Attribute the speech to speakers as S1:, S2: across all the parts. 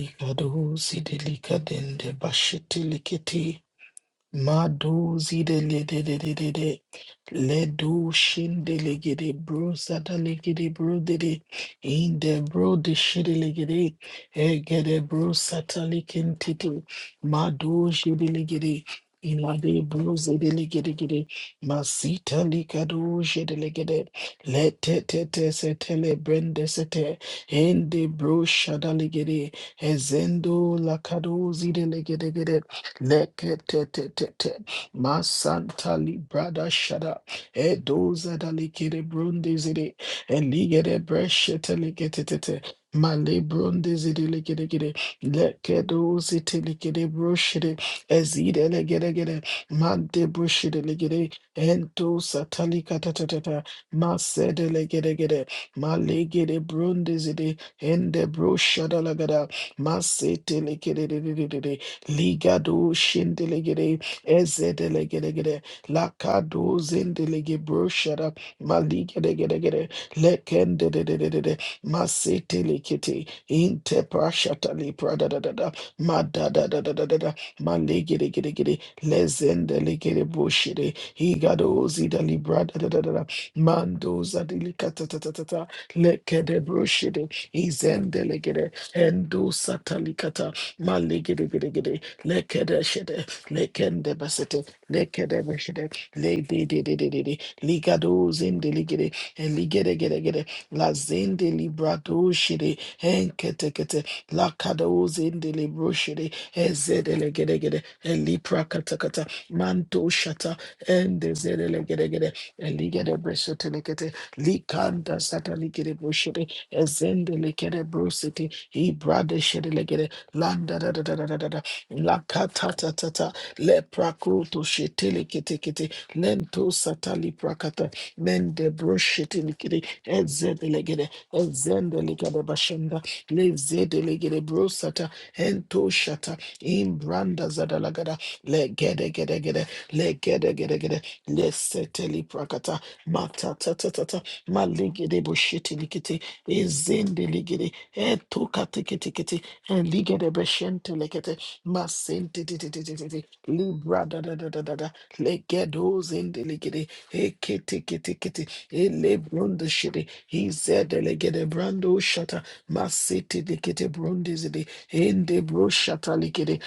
S1: Likadu zidelika dende bashiti likiti Madu zidededededede. Ledu shindelegede bro satalegede bro dede. In the bro de shidele gede shidelegede. Egede bro satalikentete. Madu shidelegede. Inade bro zedelegedegede. Masita likado shidele gede le te shidelegede. Letetete setele brende sete. Ende bro shadalegede. Ezendo lakadu zidelegedegede. Leketetetete. Masanta librada shada. E doza da Edoza dalikere brundizidi. Eligere breshete leketetete. Male brundizidi lekedekede. Lekedozite lekede broshede. Ezide legedegede. Mante broshede legede. Ento satalika tatatata. Masede legedegede. Malegede brundizidi. Ende broshada lagada. Masete lekere de de de de de. Ligado shindelegede ezedelegedegede lakado zindelege broshada maligedegedegede lekendedededede masetelekete inteprashatali pradadadada madadadadadada malegedegedegede lezendelegede broshede higado zidali bradadadada mandozadilikatatata lekede broshede izendelegede endo satalikata malegedegedegede lekedeshede, lekendebasete, lekedebeshede, lededededede, ligadozinde ligede, lazinde libradoshede, enketekete, lakadozinde libroshede, ezedelegedegede, eliprakatakata, mantoshata, endezedelegedegede, eligedebesotelekete, likandasata likedeboshede, ezendelekede brosete, ibradeshede legede, Landa da da da da da da da. Lakatatatata. Leprakoto shetele kete kete. Lento satali prakata. Mende bro shetele kete. Ezedelegede. Ezendelegede bashenda. Lezedelegede bro sata. Hento shata. Imbranda zadalagada. Legede gede gede. Legede gede gede. Leseteli prakata. Matatatatata. Maligede bo shetele kete. Ezendelegede. Eto kate kete kete. Eligede beshentelekete. Masente de de de de de de. Libra da da da da da da. Legedos in the legate. Ekete kete kete. Ele brunda shitty. He said the legate brando shata. Masete de kete brundizity. In the bro shata likity.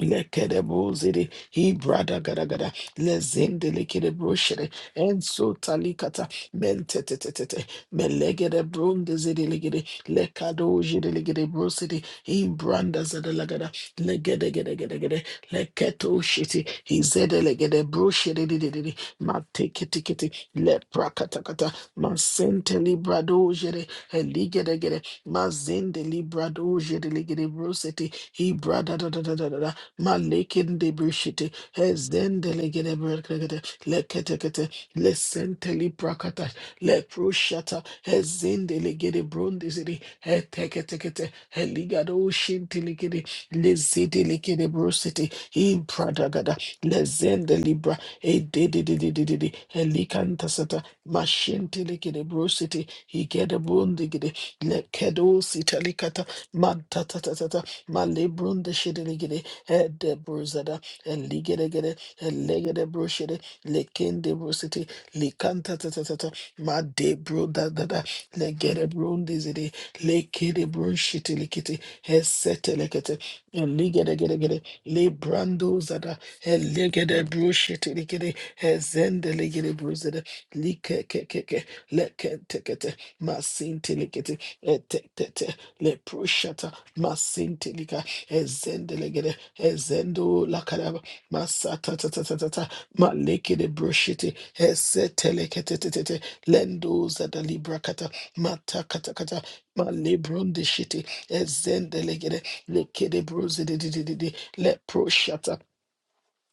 S1: Lekedebozede, Ibrada gadagada, Lezendele kedebroshede, Enso talikata, Mentetetetete, Melegede brondezede legede, Lekadojede legede brosede, Imbranda zede Ibranda zada lagada, Legedegedegedegede, Leketo shiti, Izede legede broshede didididi, Mateketiketi, Leprakatakata, Masente libradojede, Eligedegede, Mazende libradojede legede brosete, Ibrada da da da da da. Malekin de brushite, has then delegate brakata, leketekete, lesenteli brakata, leprushata, has in delegate brondizidi, heteketekete, heligado shintilikidi, lezidilikide brusiti, impradagada, lezendalibra, e didididididi, helikantasata, mashintilikide brusiti, he higedabundigidi, lekedos italicata, mantatatata, malebrundishidinigidi, de bruzada, eligeregere, elegere brushere, lekende brusiti, likanta tatatata, ma de bro da da, legere brundizidi, lekere brushiti likiti, hesete lekete, eligeregere, le brandozada, elegere brushiti likiti, hezende legere bruzada, likekekeke, lekentekete, masinti likiti, etetete, le prushata, masinti ezendelegede ezendo lakaraba masata ta ta ta ta ta malekede broshete eseteleketetetete lendo zada libra kata mata kata kata malebron de shete ezendelegede lekede brozedededede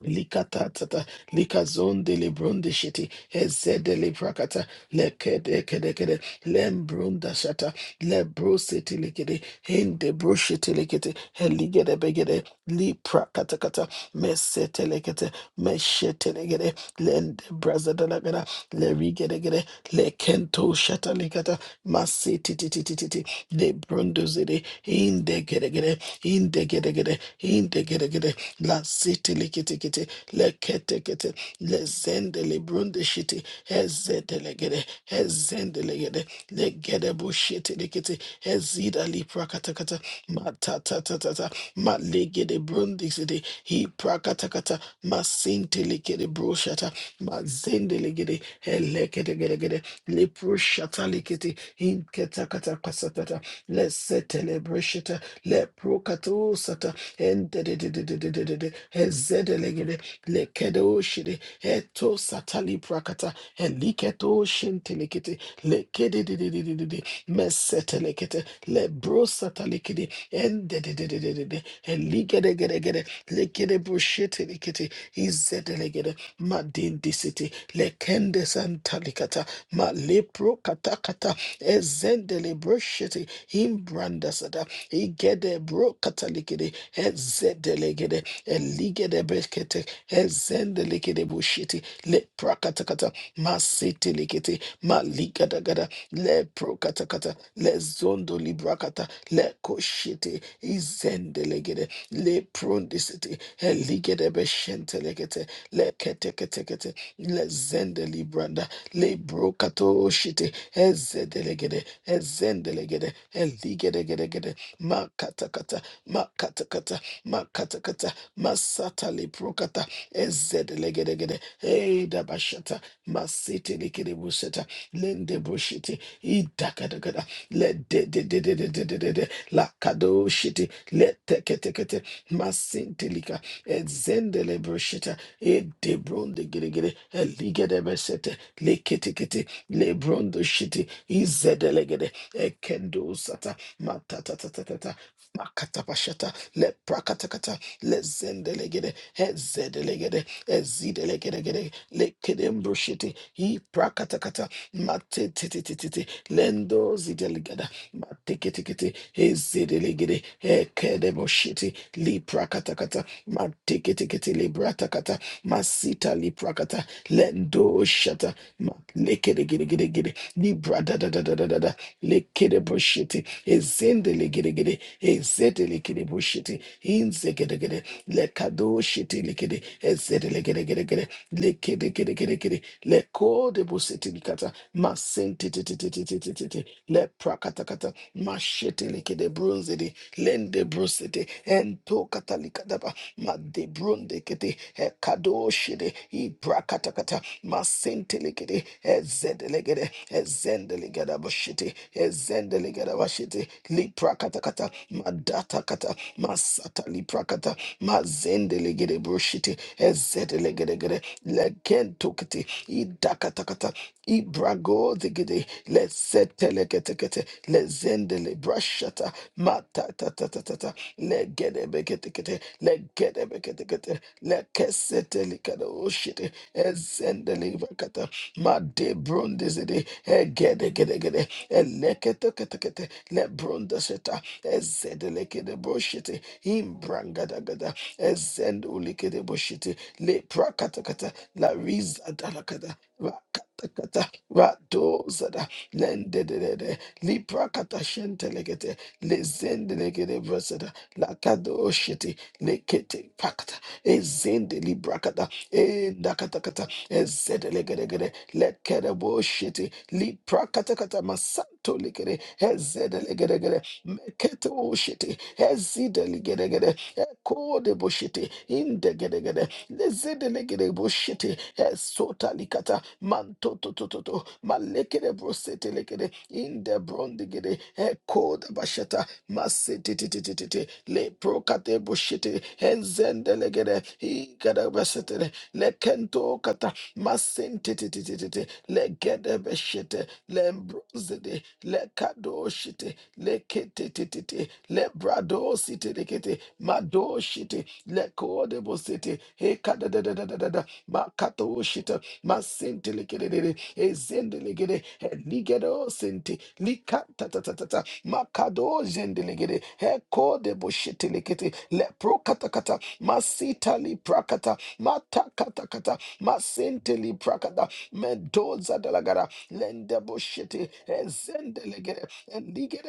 S1: Likatata, Likazon de Lebron de Shitty, Hezed de Lebrakata, Lekedekedekede, Lembrun da Shata, Lebro City Likede, Hinde Broshitty Likete, Heligede Begede, Liprakatakata, Mesetelekete, Meshetelegede, Lende Brazadalagada, Lerigedegede, Lekento Shatalikata, Masitititititi, Lebrunduzede, Hinde Gedegede, Hinde Gedegede, Hinde Gedegede, La City Likitikiti, Leketekete, Lezendele Brundishiti, Hezedelegede, Hezendelegede, Legedebushiti Likiti, Hezida Liprakatakata, Matatatatata, Malegede Brundisiti, He Prakatakata, Masintilikede Brushata, Mazendelegede, Helekedegede, Liprushata Likiti, Hinketakata Kasatata, Lesetelebrushita, Leprokatu sata Endedededededede. Ezedelegede. Lekedoshide. Eto satali prakata. Eliketo shintelekete. Lekedededededede. Mesetelekete. Lebro satalikede. Endededededede. Eligedegedegede. Lekedebo shetelekete. Izedelegede. Madindisiti. Lekende santalikata. Ma lepro katakata. Ezendele broshete. Imbrandasada igede bro katalikede ezedelegede eligede brekete ezendelegede bushiti le prakatakata masitelikete maligadagada le prokatakata le zondo librakata le koshiti izendelegede le prondisiti eligede beshentelekete le keteketekete le zendelibranda le brokato shiti ezedelegede ezendelegede eligedegedegede makatakata makatakata makatakata masata liprokata ezedlegedegede eidabashata masiti likidibuseta lendebushiti idakadagada lededededededede le leteketekete masintilika ezendelebushita edebrondegeregere eligedebesete leketekete lebrondoshiti izedelegede ekendo sata matatatatata, makatapashata, leprakatakata, lezendelegede, hezedelegede, ezidelegedegede, lekedembrushiti, hiprakatakata, matetitititi, lendozidelegada, matekitikiti, hezedelegede, hekedeboshiti, liprakatakata, matekitikiti, libratakata, masita liprakata, lendoshata, ma- lekedegedegede, libra da da da da da lekedegedegedegede, libradadadadadada, lekedeboshiti, ezendele gede gede ezetele gede bushiti inze gede gede lekado shiti likede ezetele gede gede gede lekede gede gede gede lekode busiti likata masenti titi titi titi titi le prakata kata mashete likede brunzidi lende brusiti ento kata likadaba made brunde kete ekado shidi i prakata masinteligede, ezedelegede, ezendeligada bashiti, ezendeligada bashiti, liprakatakata, madatakata, masata liprakata, mazendeligede broshiti, ezedelegedegede, lekentukiti, idakatakata, ibrago digidi, lezeteleketekete, lezendele brashata, matatatatata, legedebeketekete, legedebeketekete, lekesetelikada oshiti, ezendeli vakata ma de bronde zede egede gede gede elekete kete kete le bronde seta ezedele kede boshete Imbranga da gada ezend ulikede boshete le prakata kata la riza dalakada rakata kata rado zada lende de de de li prakata shentele kete le zendele kede brasada la kado shete le kete pakata ezende libra brakata Enda kata kata. Ezedelegedegede. Lekedebo shiti. Lipra kata kata. Masanto legede. Ezedelegedegede. Mekete o shiti. Ezidelegedegede. Ekodebo shiti. Indegedegede. Lezedelegedebo shiti. Esota likata. Manto to to to to. Malekedebo sete legede. Indebrondigede. Ekodabashata. Masetititititi. Lepro katebo shiti. Enzendelegede. Ikadabasete lekento kata masente te te te te te legede beshete lembrozede lekado shete lekete te te te lebrado site lekete mado shete lekode bosete he kada da da da da da da makato shete masente lekede de de ezende legede he ligedo sente likata ta ta ta ta makado zende legede hekode boshete lekete lepro kata kata masita li prakata matakatakata masenteli prakata mendoza dalagara lende boshete ezende legere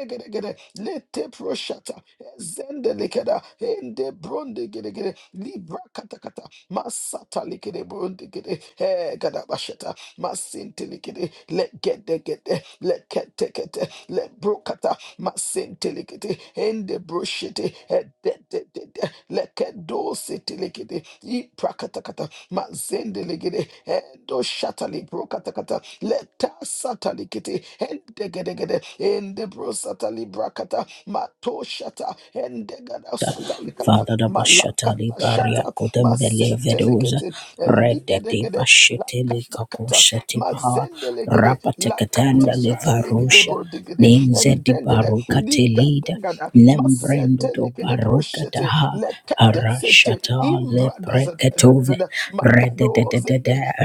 S1: gere gere lete proshata ezende ende bronde gere gere libra katakata masata ligere bronde gere e gada basheta masente ligere legede gede lekete kete kete le masentelekete ende brushete edetetete lekedosetelekete iprakatakata mazendelegede endo shatali prokatakata leta letasatalekete endegedegede ende brosatali brakata matoshata endegada satalikata
S2: Father the Bashatali
S1: malakata
S2: Baria
S1: shata
S2: couldn't believe those
S1: masentelekete
S2: Red Daddy
S1: eligedegede
S2: Bashitili
S1: lakatakata
S2: Kakosati Baha
S1: mazendelegede lakata
S2: Rapatekatanda
S1: shatalikede
S2: Livarusha
S1: bordigede and
S2: Ninzedi
S1: then the
S2: Baruka Telida
S1: Ligadagada
S2: Lembrendo do
S1: Masetelekede
S2: Baruka
S1: Broshete
S2: Daha
S1: Lekadensete
S2: Arashata
S1: Imbradas
S2: Leprekatove Red
S1: Macados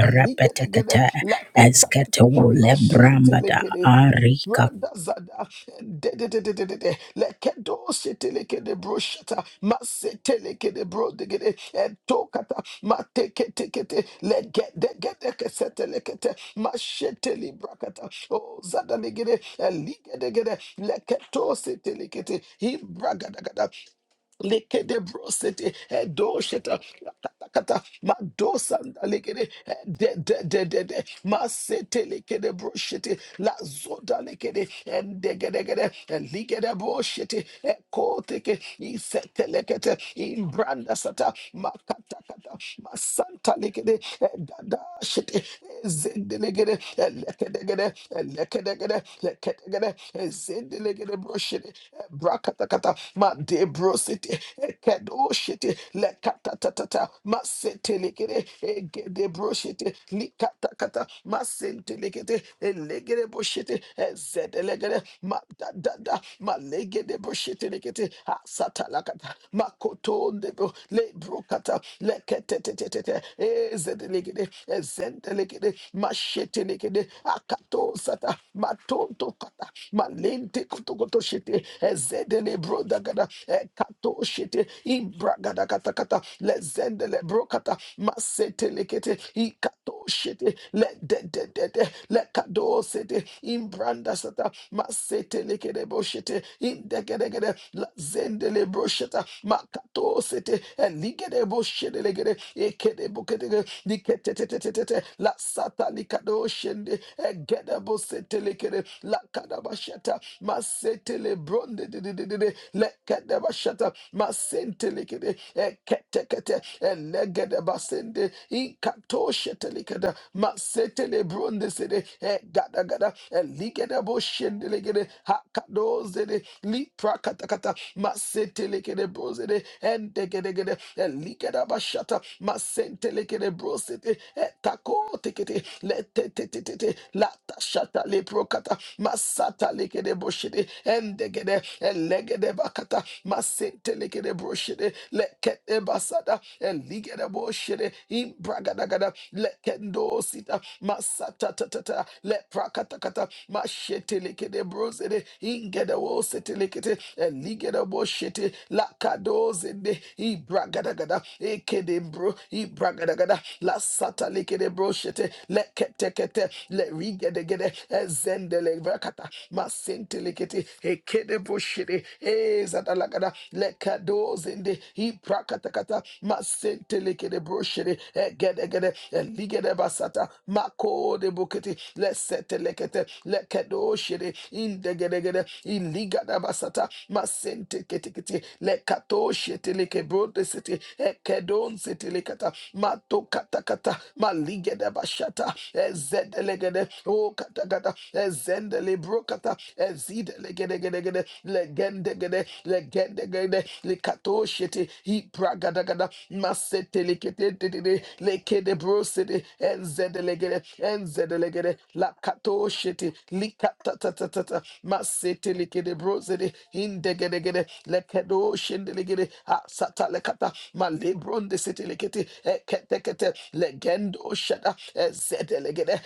S1: and Ligadagada
S2: Eskatole Brambada
S1: Mashentelekede,
S2: Arika
S1: Ibradazada, dededededede, Lekedoshetelekede broshata, Masetelekede brodegede, Etokata, Mateketekete, Legedegedekesetelekete, Mashetelibrakata, Oh, Zadalegede, Eligedegede, Leketosetelekete, Ibragadagada. Lekede brosete edosheta katakata madosanda lekede eh, de de de de de masete lekede broshete la zoda lekede endegedegede ligede broshete ekoteke isete lekete imbranda sata makata kata masanta lekede eh, dada shete eh, zende lekede lekedegede lekedegede lekedegede zende lekede broshete brakata kata Mande brosete kedoshete lekatatata masetelekere de broshete likatakata masentelekete elegere boshete ezedelegere madadada malegede boshete lekete asata la kata makoto de bro le brokata le kete te te te te de asatalakata makotondebo lebrokata leketetetetete ezedelegede ezendelegede mashetelekede akatosata matontokata malente kotokotoshete Zedele bro dagada e kato shete imbragada kata kata le zendele bro kata masete masetele kete kato shete le de de de de le kado sete imbranda sata masetele kete bro shete indegede gede gede la zendele bro sheta makato sete eligede bro shete legede ekede bukete gede likete te te te te te la sata likado shende egede bro sete lekede la kada basheta masete. Masentele bronde de de de de de lekede bashata masentele kede ekete kete elegede basende inkato shetele kede masetele bronde sede egada gada eligede boshende kede hakado zede lipra kata kata masetele kede brozede ende kede kede eligede bashata masentele kede brosete etako tekete lete tete tete lata shata lepro kata masata leke lekede broshede endegede elegede bakata masente lekede broshede lekede basada eligede broshede imbragadagada lekendo sita masata tatata leprakata kata mashete lekede brozede ingede wosete lekete eligede broshete lakadozende ibragadagada ekede bro ibragadagada lasata lekede broshete lekete kete le rigede gede ezende Rakata masentelekete ekede boshede ezadalagada lekadozende iprakatakata masentelekede broshede egedegede eligede basata makode bokete lesetelekete lekedoshede indegedegede iligada basata masenteketekete lekatosheteleke brodesete ekedonsetelekata matokatakata maligede bashata ezedelegede O brokata ezendele brokata ezidele gede gede gede legende gede legende gede likato shete hi bragada gada masete likete dedede lekede brosete enzedele gede enzedele gede lakato shete likata tata tata masete likede brosete indegede gede gede lekedo shendele gede asata lekata malebronde sete likete ekete kete legendo shada ezedelegede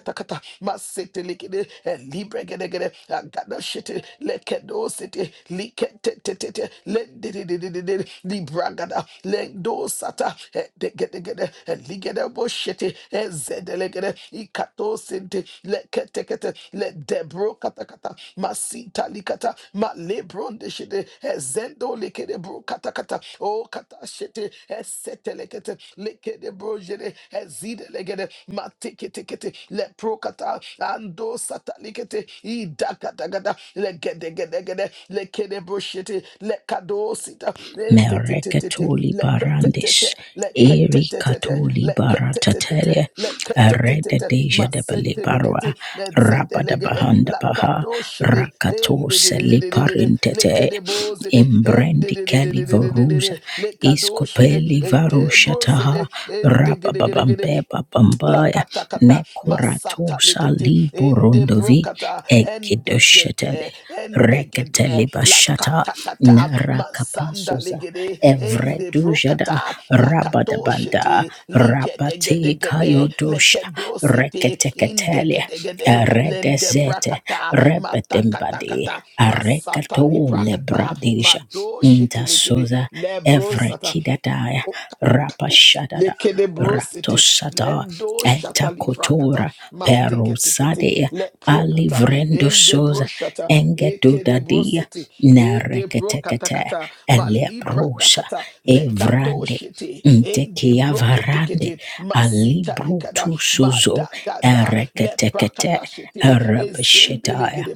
S1: katakata masete likede eh, libre gede gede agada shete lekedo sete likete tete tete le dede dede dede libra gada le do sata eh, de gede gede eh, ligede bo shete eh, zede legede ikato sente lekete kete le debro katakata masita likata ma lebron de shete eh, zendo likede bro katakata o kata shete eh, sete lekete lekede bro jede zide legede mate kete le prokata ando satalikete i dakata gada le gede gede gede le kede broshete le kado sita le te te te te
S2: Merekatoli
S1: le kete te te
S2: barandish.
S1: le
S2: Eri
S1: kete te te te
S2: katoli
S1: le kete te te te
S2: baratatelia.
S1: le kete te te
S2: Areda
S1: te
S2: deja de
S1: masete le
S2: balibarwa.
S1: kete le zede le
S2: Rabada
S1: gede
S2: bahanda
S1: la
S2: baha.
S1: kado shere
S2: Rakato
S1: ende de de de de de de le
S2: seliparintete.
S1: kede bozede ende
S2: Imbrendi
S1: de de de de de
S2: keli
S1: de de
S2: voruza.
S1: le kado
S2: Iskopeli
S1: e de
S2: varushataha.
S1: ende gede gede
S2: Rabababambe
S1: gede
S2: babambaya.
S1: Lakata kata
S2: Nekorato
S1: Masata Likete, Ende
S2: saliburundovi.
S1: Brokata, Ende
S2: Egidoshetele.
S1: Gede, Ende Gede,
S2: Reketelibashata
S1: lakata kata masanda
S2: Narakapasosa
S1: Ligede, Ende
S2: Evredujada
S1: Brokata, Lakato
S2: Rabadabanda
S1: Shete, Ligede
S2: Rabate
S1: Gede Gede,
S2: Kayodosha
S1: Lekedo Sete, Inde
S2: Reketeketele
S1: Gede Gede, Lende
S2: Redezete
S1: Brakata, matakata
S2: Rebetembadi
S1: kata Masata
S2: Arekato
S1: Liprakata,
S2: Lebradisha
S1: Mado Shete Ligede,
S2: Intasosa
S1: Lebrosata
S2: Evrekidadaya
S1: kato kato
S2: Rapashadada
S1: lekede brosete
S2: Ratosada
S1: lendo shata
S2: enta
S1: livrakata
S2: kotora
S1: mateke tekete
S2: Perosade
S1: le prokata in
S2: Alivrendo
S1: ende
S2: Sosa
S1: broshata ekede
S2: Engedudadia
S1: brosete e de brokata
S2: Nereketekete
S1: kata ma libra
S2: Eleprosa
S1: dakata le kato
S2: Evrande
S1: shete in de
S2: Ntekia
S1: brokete
S2: varande
S1: kete ma sita
S2: alibro
S1: likada
S2: tu
S1: ma
S2: suzo
S1: dagada le
S2: ereketekete
S1: prakata shete ezendele
S2: erebeshetaya
S1: gede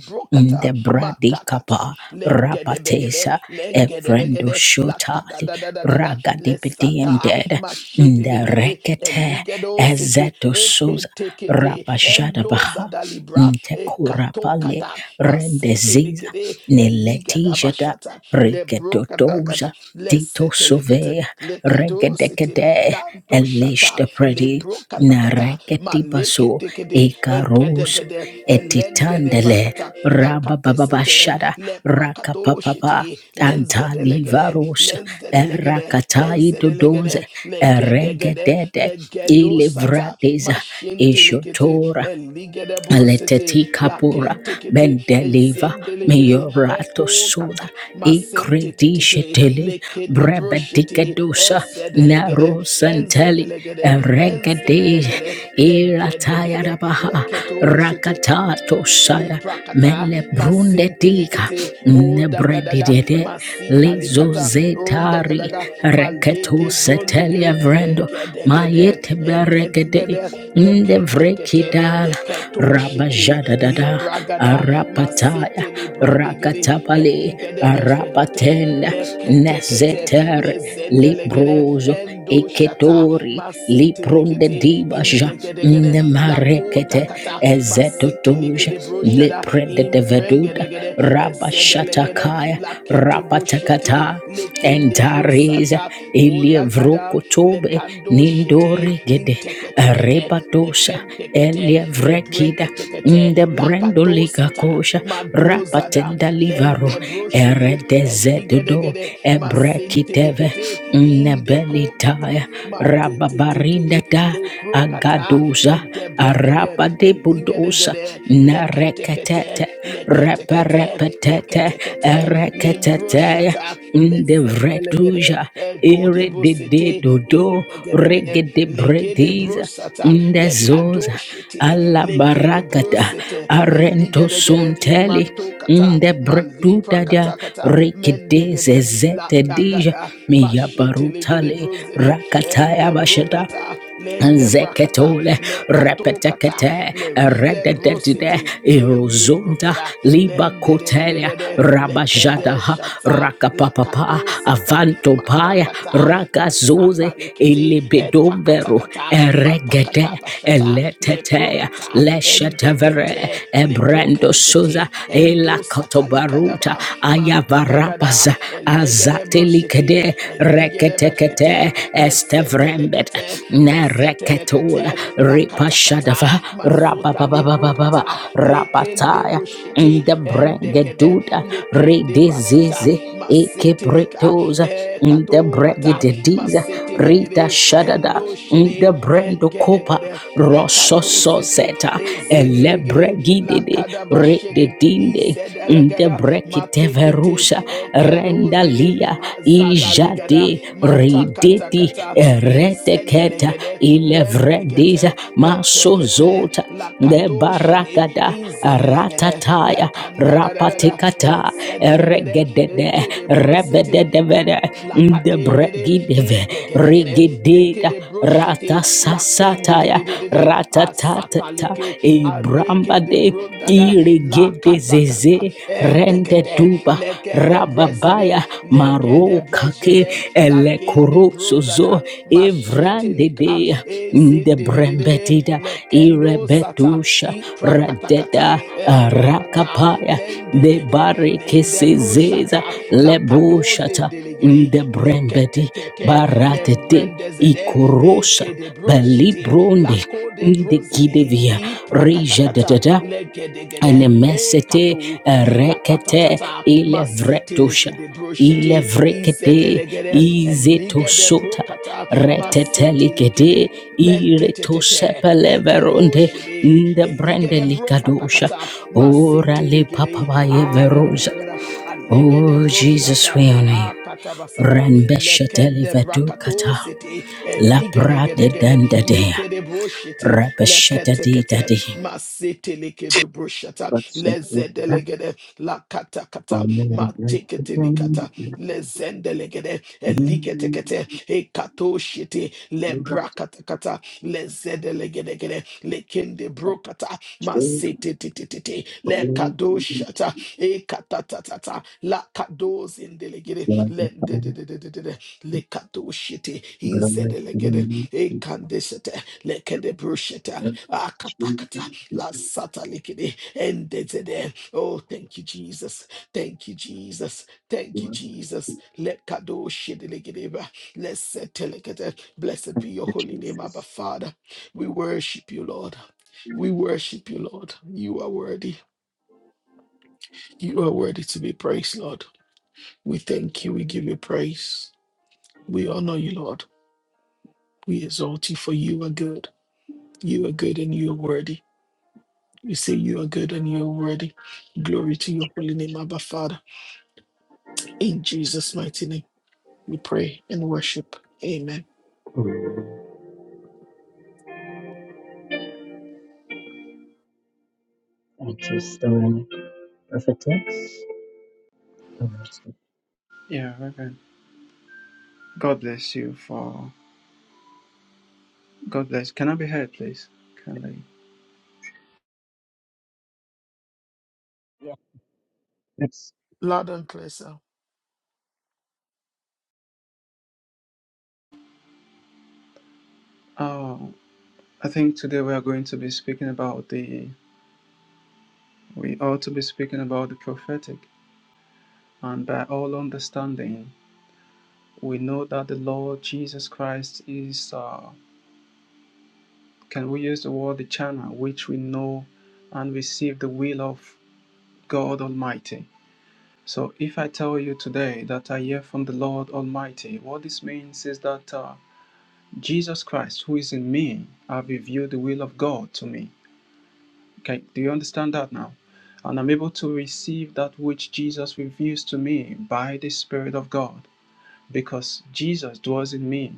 S2: de
S1: brokata
S2: bradi
S1: matakata
S2: kapa
S1: lengede begede
S2: rapatesa
S1: lengede
S2: evrendo
S1: begede lakada
S2: shotali
S1: da da da da da
S2: raga de
S1: lesata
S2: bediended
S1: mashete
S2: de
S1: legede
S2: rekete
S1: eligedo sete
S2: ezeto suza
S1: ekete kete
S2: rapajada
S1: endoza
S2: baha
S1: da libra
S2: nte
S1: ekato
S2: kurapale
S1: kata masete
S2: rendeziza
S1: legede eligada
S2: niletijada
S1: bashata le brokadagada,
S2: Regedodosa,
S1: le
S2: Tito
S1: setelekete,
S2: Sove,
S1: le kedositi,
S2: Regedecade,
S1: lanto
S2: Elish
S1: shata,
S2: the
S1: le
S2: Pretty,
S1: brokatakata, ma leke
S2: Naregetibaso,
S1: dekede,
S2: Ekaros,
S1: egedegede, elengede
S2: Etitandele,
S1: bakata, la katesete,
S2: Rabababashada,
S1: le prakato
S2: Rakapapapa,
S1: shiti, lenzedelegede,
S2: Antalivaros,
S1: lenzedelegede,
S2: Rakatai
S1: lenzedelegede,
S2: Dodonze,
S1: le gedegede,
S2: Eregedede,
S1: le gedosata,
S2: Ilivrades,
S1: ma shintelekete,
S2: Ishotora,
S1: eligede bosete,
S2: Aleteti
S1: la
S2: kapura
S1: kentekete,
S2: bendeliva
S1: ezendelegede,
S2: miyorato
S1: eko
S2: soda e
S1: masente titite
S2: credishetele
S1: lekede broshete
S2: brebedicadosa
S1: ezedelegede
S2: naro santeli
S1: ezedelegede
S2: regade
S1: ezedelegede
S2: irataya
S1: legedegede
S2: rabaha
S1: leketo shete
S2: rakatato saya
S1: Liprakata,
S2: mele brundetika
S1: masintelekete, o dagadaga,
S2: nebredidede
S1: masita
S2: lezo
S1: likata, o
S2: zetari
S1: dagadaga,
S2: reketo
S1: malede
S2: setelia
S1: brondegede,
S2: vrendo
S1: egedegede,
S2: mayete Baregede
S1: egedegede,
S2: in the
S1: lekentekete,
S2: Vrekidala
S1: leketo shiti,
S2: Rabajadada
S1: libragada,
S2: Arapataya
S1: masete lebrodegede,
S2: Rakatapale
S1: eligedebeshkete,
S2: Arapatenda
S1: leketekete,
S2: Nezeter
S1: lezendelegede
S2: Libroso
S1: endo shata
S2: Eketori Lipronde
S1: masetelekete
S2: Dibaja in
S1: indegedegede
S2: the
S1: lakota
S2: Marekete
S1: kata
S2: Ezetotoja
S1: masetelekede brojada
S2: Liprede de Veduda
S1: imbrengedegede ezedelegede
S2: Rabashatakaya
S1: lakete boshete
S2: Rapatakata
S1: lekende
S2: Entari praise
S1: brosata
S2: ilia
S1: odagada
S2: vrokotobe
S1: lekando shete
S2: nindore gede
S1: inteketekete
S2: rebadosha
S1: lekentekete
S2: elia vrekida
S1: lebreketekete
S2: inde brendo
S1: lakato
S2: liga
S1: sata.
S2: kosha
S1: Madozada,
S2: rapatenda livaro
S1: Lende Broshede, and
S2: eredezedodo
S1: Ligedegede,
S2: ebrekiteve
S1: masintelekete in the Kokata,
S2: nebelitaya rababarinda
S1: Matete,
S2: da
S1: Leprokata,
S2: agadoza
S1: and Debrekede, and
S2: arabadebudosa
S1: Ligedegede, Leketekete,
S2: narekatete
S1: Leketekete,
S2: reperepetete te rekete
S1: Leketekete,
S2: in the Rakatataya
S1: Lembroshata, Lezendelegede,
S2: Ndevretuja
S1: and
S2: Iridide
S1: Godebosete,
S2: Dodo
S1: in the
S2: Regede
S1: legede
S2: Brediza
S1: brosata
S2: Ndezoza
S1: lekadoshite lekede
S2: Alabarakata
S1: brosete
S2: Arento
S1: ligedegede
S2: Sunteli
S1: matokata malipra
S2: Ndebretutaja
S1: maliprakata
S2: Rikide
S1: mendegede la
S2: Zezetedija
S1: dagada mashete legede
S2: Miyabarutale
S1: brosede
S2: Rakataya
S1: ende
S2: Bashata
S1: brokata lende brakata
S2: Zeketole,
S1: lekatokata
S2: repetekete,
S1: leride
S2: rededede,
S1: brosete ende
S2: erozonda,
S1: brogada
S2: liba
S1: lende de de de
S2: kotelia,
S1: de de lekede
S2: rabajadaha,
S1: shata
S2: rakapapapa,
S1: lakato sata
S2: avantopaya,
S1: matakata masata
S2: ragazoze,
S1: lekete
S2: elibidomveru,
S1: etakatakata
S2: eregede,
S1: matakata bashata
S2: eletetea,
S1: leprokata
S2: leshetevere,
S1: endekete
S2: ebrando suza,
S1: leproketekete endo sata
S2: elakotobaruta,
S1: satalikadaba mangadagada
S2: ayavarapaza,
S1: elegede broshete
S2: azatelikede,
S1: eligede
S2: reketek
S1: berkete
S2: rekete estevrembet
S1: lesetelekete
S2: nereketula
S1: lesetelekete lakatakata
S2: ripashadava
S1: mazota
S2: rabababababa
S1: leprokata lekende
S2: rabataya
S1: brushete endegede
S2: ndebrengeduda
S1: lekende brasata
S2: ridizizi
S1: masetelika
S2: ikibritoza
S1: ekatokata
S2: ndebregididiza
S1: masetelegede
S2: ritashadada
S1: endoshede
S2: ndebrendukopa
S1: engedegede lekatosete
S2: rosososeta
S1: ezedelegede
S2: elebregididi
S1: lakadabashede
S2: rididinde
S1: izedelegada matekete
S2: ndebrekiteverusa
S1: ekedozede
S2: Mandalia
S1: azadalegada
S2: Ijade Rideti
S1: matakatakata
S2: Reteketa
S1: lezedelegede
S2: Ilevredeza
S1: lentekete letekete
S2: Masozota De
S1: lakatoshede
S2: Barakada
S1: inzedelegede
S2: Ratataya
S1: lakandadadadada
S2: Rapatikata
S1: lezedelegede
S2: Regedede
S1: ekedebrosete
S2: Rebedevede De
S1: lakategede
S2: Bregidive
S1: indegedegede
S2: Rigidida
S1: lekedebroshete
S2: Ratasasataya
S1: lakendedededede
S2: Ratatatata
S1: asataleke
S2: Ibrambade
S1: alekedebrondaga lakatakata
S2: Irigedezeze rende
S1: entekete
S2: duba
S1: legedebrezede
S2: rababaya maro kake
S1: legedebrezede
S2: ele
S1: lagende
S2: korosozo
S1: brozada
S2: evrande
S1: mashetelika
S2: de de
S1: ezende de de de de
S2: brembetida
S1: lekendo sata
S2: irebetusha
S1: i prakatakata
S2: radeda
S1: etokata
S2: rakapaya de
S1: lendegede lende
S2: barekesezeza
S1: broshata lakados
S2: lebushata
S1: indelegede
S2: de brembedi
S1: leketetete
S2: baratete
S1: lembrendezede
S2: ikorosa
S1: Eke de broshete ekedebroshete
S2: belibronde de
S1: lakodebrozede
S2: kidevia reja da
S1: iprakatakata
S2: da
S1: legedegede
S2: Anemesete
S1: ekato
S2: rekete
S1: likatatata
S2: ilevretosha.
S1: masetelekedebroshete
S2: Ilevrekete
S1: izedelegede
S2: izetosota
S1: eligedebrokata masetelekede
S2: retetelikete
S1: lentetetete
S2: iretosepeleveronde
S1: lekedoshede
S2: ndebrendelikadosha
S1: eligedebrokata
S2: ora
S1: masetelegede
S2: lipapabayeverosa.
S1: adagadaga
S2: Oh Jesus,
S1: alegedebroshata
S2: we honor you.
S1: akatabasata lekende brakato
S2: Rembeshetelevedukata
S1: city eligedegedegede
S2: lapradedendedeya.
S1: lekede broshiti
S2: Rebeshete
S1: leketekete masete lekede broshata lezedelegede
S2: Thank
S1: lakatakata matekete
S2: you,
S1: likata lezendelegede eliketekete ekato shiti lebrakatakata lezedelegedegede lekende brokata masete titititi lekadoshata ekatatata, La kados in delegate, Let lakados indelegede lendededededede lekadoshete inzedelegede ekandeshete lekedebrushete akatakata lasata likede endezede oh thank you Jesus thank you Jesus thank you Jesus let lekadoshedelegedeba lesetelegede blessed be your holy name Abba Father we worship you Lord we worship you, Lord. You are worthy. You are worthy to be praised, Lord. We thank you. We give you praise. We honor you, Lord. We exalt you for you are good. You are good and you are worthy. We say you are good and you are worthy. Glory to your holy name, Abba Father. In Jesus' mighty name, we pray and worship. Amen.
S3: Yeah, very good. God bless you for God bless. Can I be heard, please? Kindly.
S2: Yes.
S1: Loud and clear, sir.
S3: Oh, I think today we are going to be speaking about the we ought to be speaking about the prophetic, and by all understanding, we know that the Lord Jesus Christ is. Uh, can we use the word the channel which we know and receive the will of God Almighty? So, if I tell you today that I hear from the Lord Almighty, what this means is that. Uh, Jesus Christ, who is in me, have revealed the will of God to me. Okay, do you understand that now? And I'm able to receive that which Jesus reveals to me by the Spirit of God, because Jesus dwells in me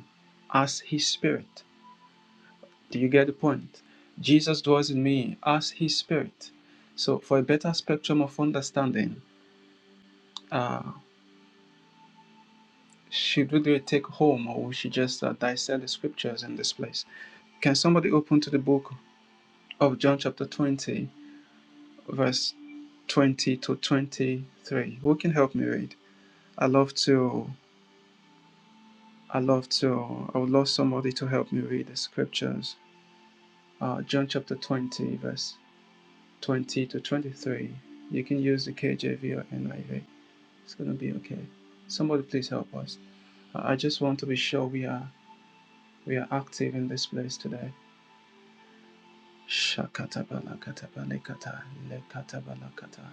S3: as His Spirit. Do you get the point? Jesus dwells in me as His Spirit. So, for a better spectrum of understanding, uh, should we do a take home or we should just uh, dissect the scriptures in this place? Can somebody open to the book of John, chapter 20? verse 20 to 23. Who can help me read? I love to, I love to, I would love somebody to help me read the scriptures. Uh, John chapter 20, verse 20 to 23. You can use the KJV or NIV. It's going to be okay. Somebody please help us. I just want to be sure we are we are active in this place today. Shakatabalakatabalekata, lekatabalakata,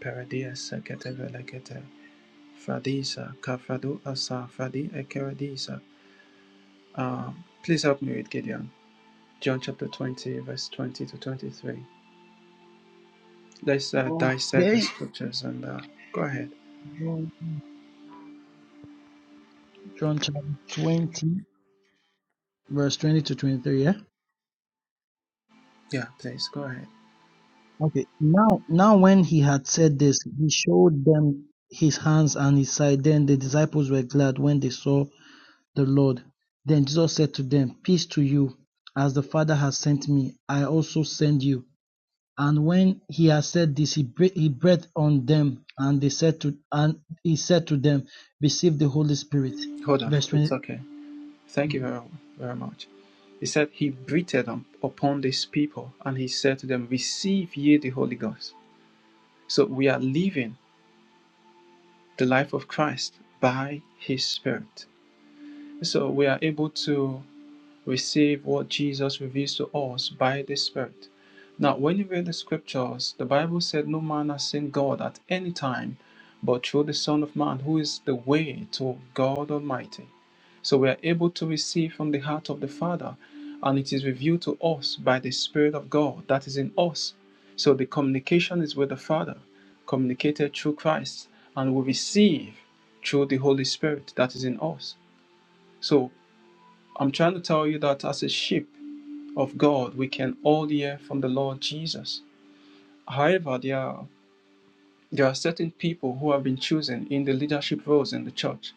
S3: paradias Fadisa, Kafado Asa, Fadi Ekeradisa. Um, please help me with Gideon. John chapter 20, verse 20 to 23. Let's uh, dissect the
S4: Okay.
S3: scriptures and uh, go ahead.
S4: John chapter 20, verse 20 to 23, yeah?
S3: Yeah, please, go ahead.
S4: Okay. Now, now when he had said this, he showed them his hands and his side. Then the disciples were glad when they saw the Lord. Then Jesus said to them, Peace to you. As the Father has sent me, I also send you. And when he had said this, he breathed, he breathed on them, and they said to and he said to them, Receive the Holy Spirit.
S3: Hold on.
S4: Verse
S3: It's
S4: 20.
S3: okay. Thank you very, very much. He said, He breathed on, upon these people and he said to them, Receive ye the Holy Ghost. So we are living the life of Christ by his Spirit. So we are able to. receive what Jesus reveals to us by the Spirit. Now, when you read the scriptures, the Bible said, No man has seen God at any time, but through the Son of Man, who is the way to God Almighty. So we are able to receive from the heart of the Father, and it is revealed to us by the Spirit of God that is in us. So the communication is with the Father, communicated through Christ, and we receive through the Holy Spirit that is in us. So I'm trying to tell you that as a sheep, of God we can all hear from the Lord Jesus. However, there are, there are certain people who have been chosen in the leadership roles in the church,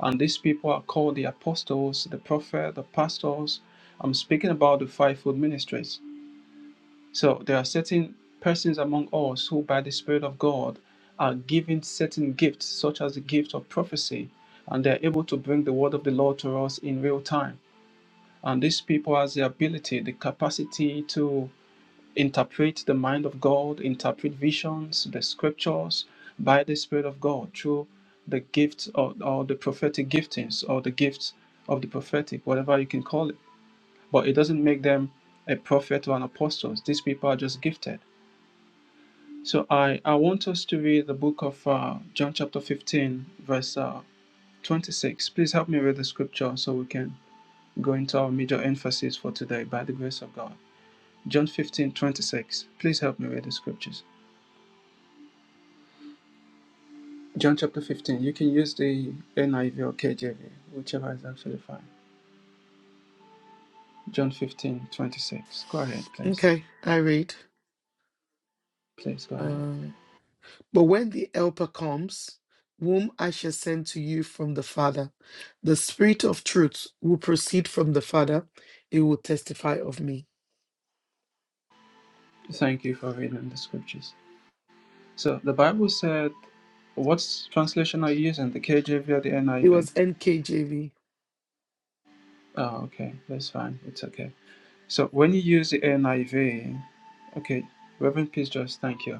S3: and these people are called the apostles, the prophet, the pastors. I'm speaking about the fivefold ministries. So there are certain persons among us who, by the Spirit of God, are given certain gifts, such as the gift of prophecy, and they're able to bring the word of the Lord to us in real time. And these people has the ability, the capacity to interpret the mind of God, interpret visions, the scriptures by the Spirit of God through the gift or, or the prophetic giftings or the gifts of the prophetic, whatever you can call it. But it doesn't make them a prophet or an apostle. These people are just gifted. So I, I want us to read the book of uh, John chapter 15, verse uh, 26. Please help me read the scripture so we can go into our major emphasis for today by the grace of God. John 15:26. Please help me read the scriptures. John chapter 15. You can use the NIV or KJV, whichever is actually fine. John 15 26. Go ahead, please.
S1: Okay, I read.
S3: Please go ahead.
S1: Uh, but when the Helper comes, whom I shall send to you from the Father, the Spirit of truth will proceed from the Father. It will testify of me.
S3: Thank you for reading the scriptures. So the Bible said, what translation are you using? The KJV or the
S1: It
S3: NIV?
S1: was NKJV.
S3: Oh, okay. That's fine. It's okay. So when you use the NIV, okay, Reverend Peace, just thank you.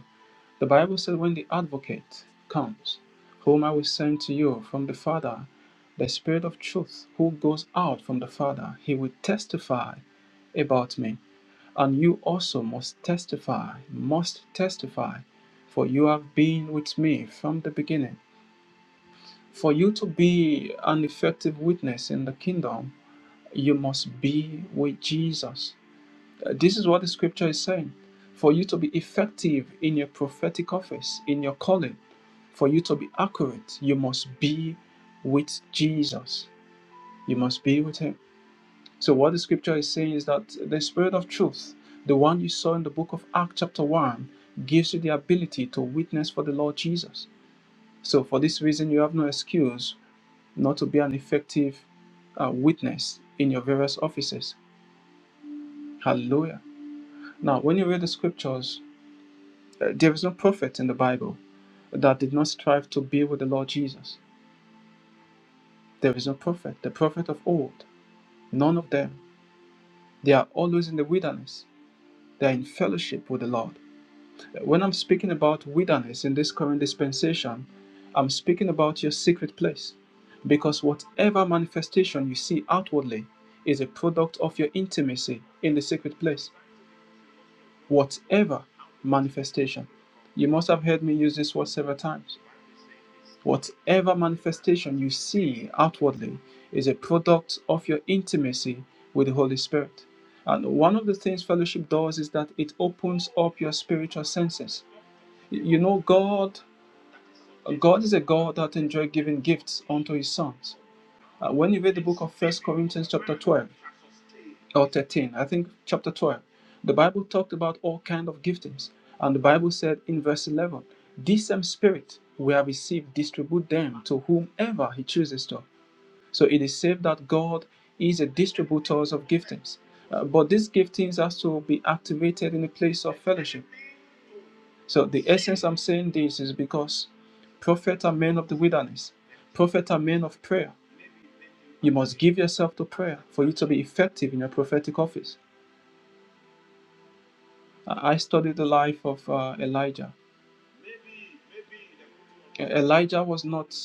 S3: The Bible says, when the advocate comes, whom I will send to you from the Father, the Spirit of truth, who goes out from the Father, he will testify about me. And you also must testify, must testify, for you have been with me from the beginning. For you to be an effective witness in the kingdom, you must be with Jesus. Uh, This is what the scripture is saying. For you to be effective in your prophetic office, in your calling, for you to be accurate, you must be with Jesus. You must be with Him. So, what the scripture is saying is that the Spirit of truth, the one you saw in the book of Acts, chapter 1, gives you the ability to witness for the Lord Jesus. So, for this reason, you have no excuse not to be an effective uh, witness in your various offices. Hallelujah. Now, when you read the scriptures, Uh, There is no prophet in the Bible that did not strive to be with the Lord Jesus. There is no prophet, the prophet of old, none of them. They are always in the wilderness. They are in fellowship with the Lord. Uh, When I'm speaking about wilderness in this current dispensation, I'm speaking about your secret place. Because whatever manifestation you see outwardly is a product of your intimacy in the secret place. Whatever manifestation. You must have heard me use this word several times. Whatever manifestation you see outwardly is a product of your intimacy with the Holy Spirit. And one of the things fellowship does is that it opens up your spiritual senses. You know, God, God is a God that enjoys giving gifts unto His sons. Uh, when you read the book of First Corinthians chapter 12, or 13 i think chapter 12 the bible talked about all kind of giftings and the bible said in verse 11 this same spirit we have received distribute them to whomever he chooses to so it is said that god is a distributor of giftings Uh, but these giftings has to be activated in a place of fellowship so the essence i'm saying this is because prophets are men of the wilderness prophets are men of prayer you must give yourself to prayer for you to be effective in your prophetic office I studied the life of uh, Elijah. E- Elijah was not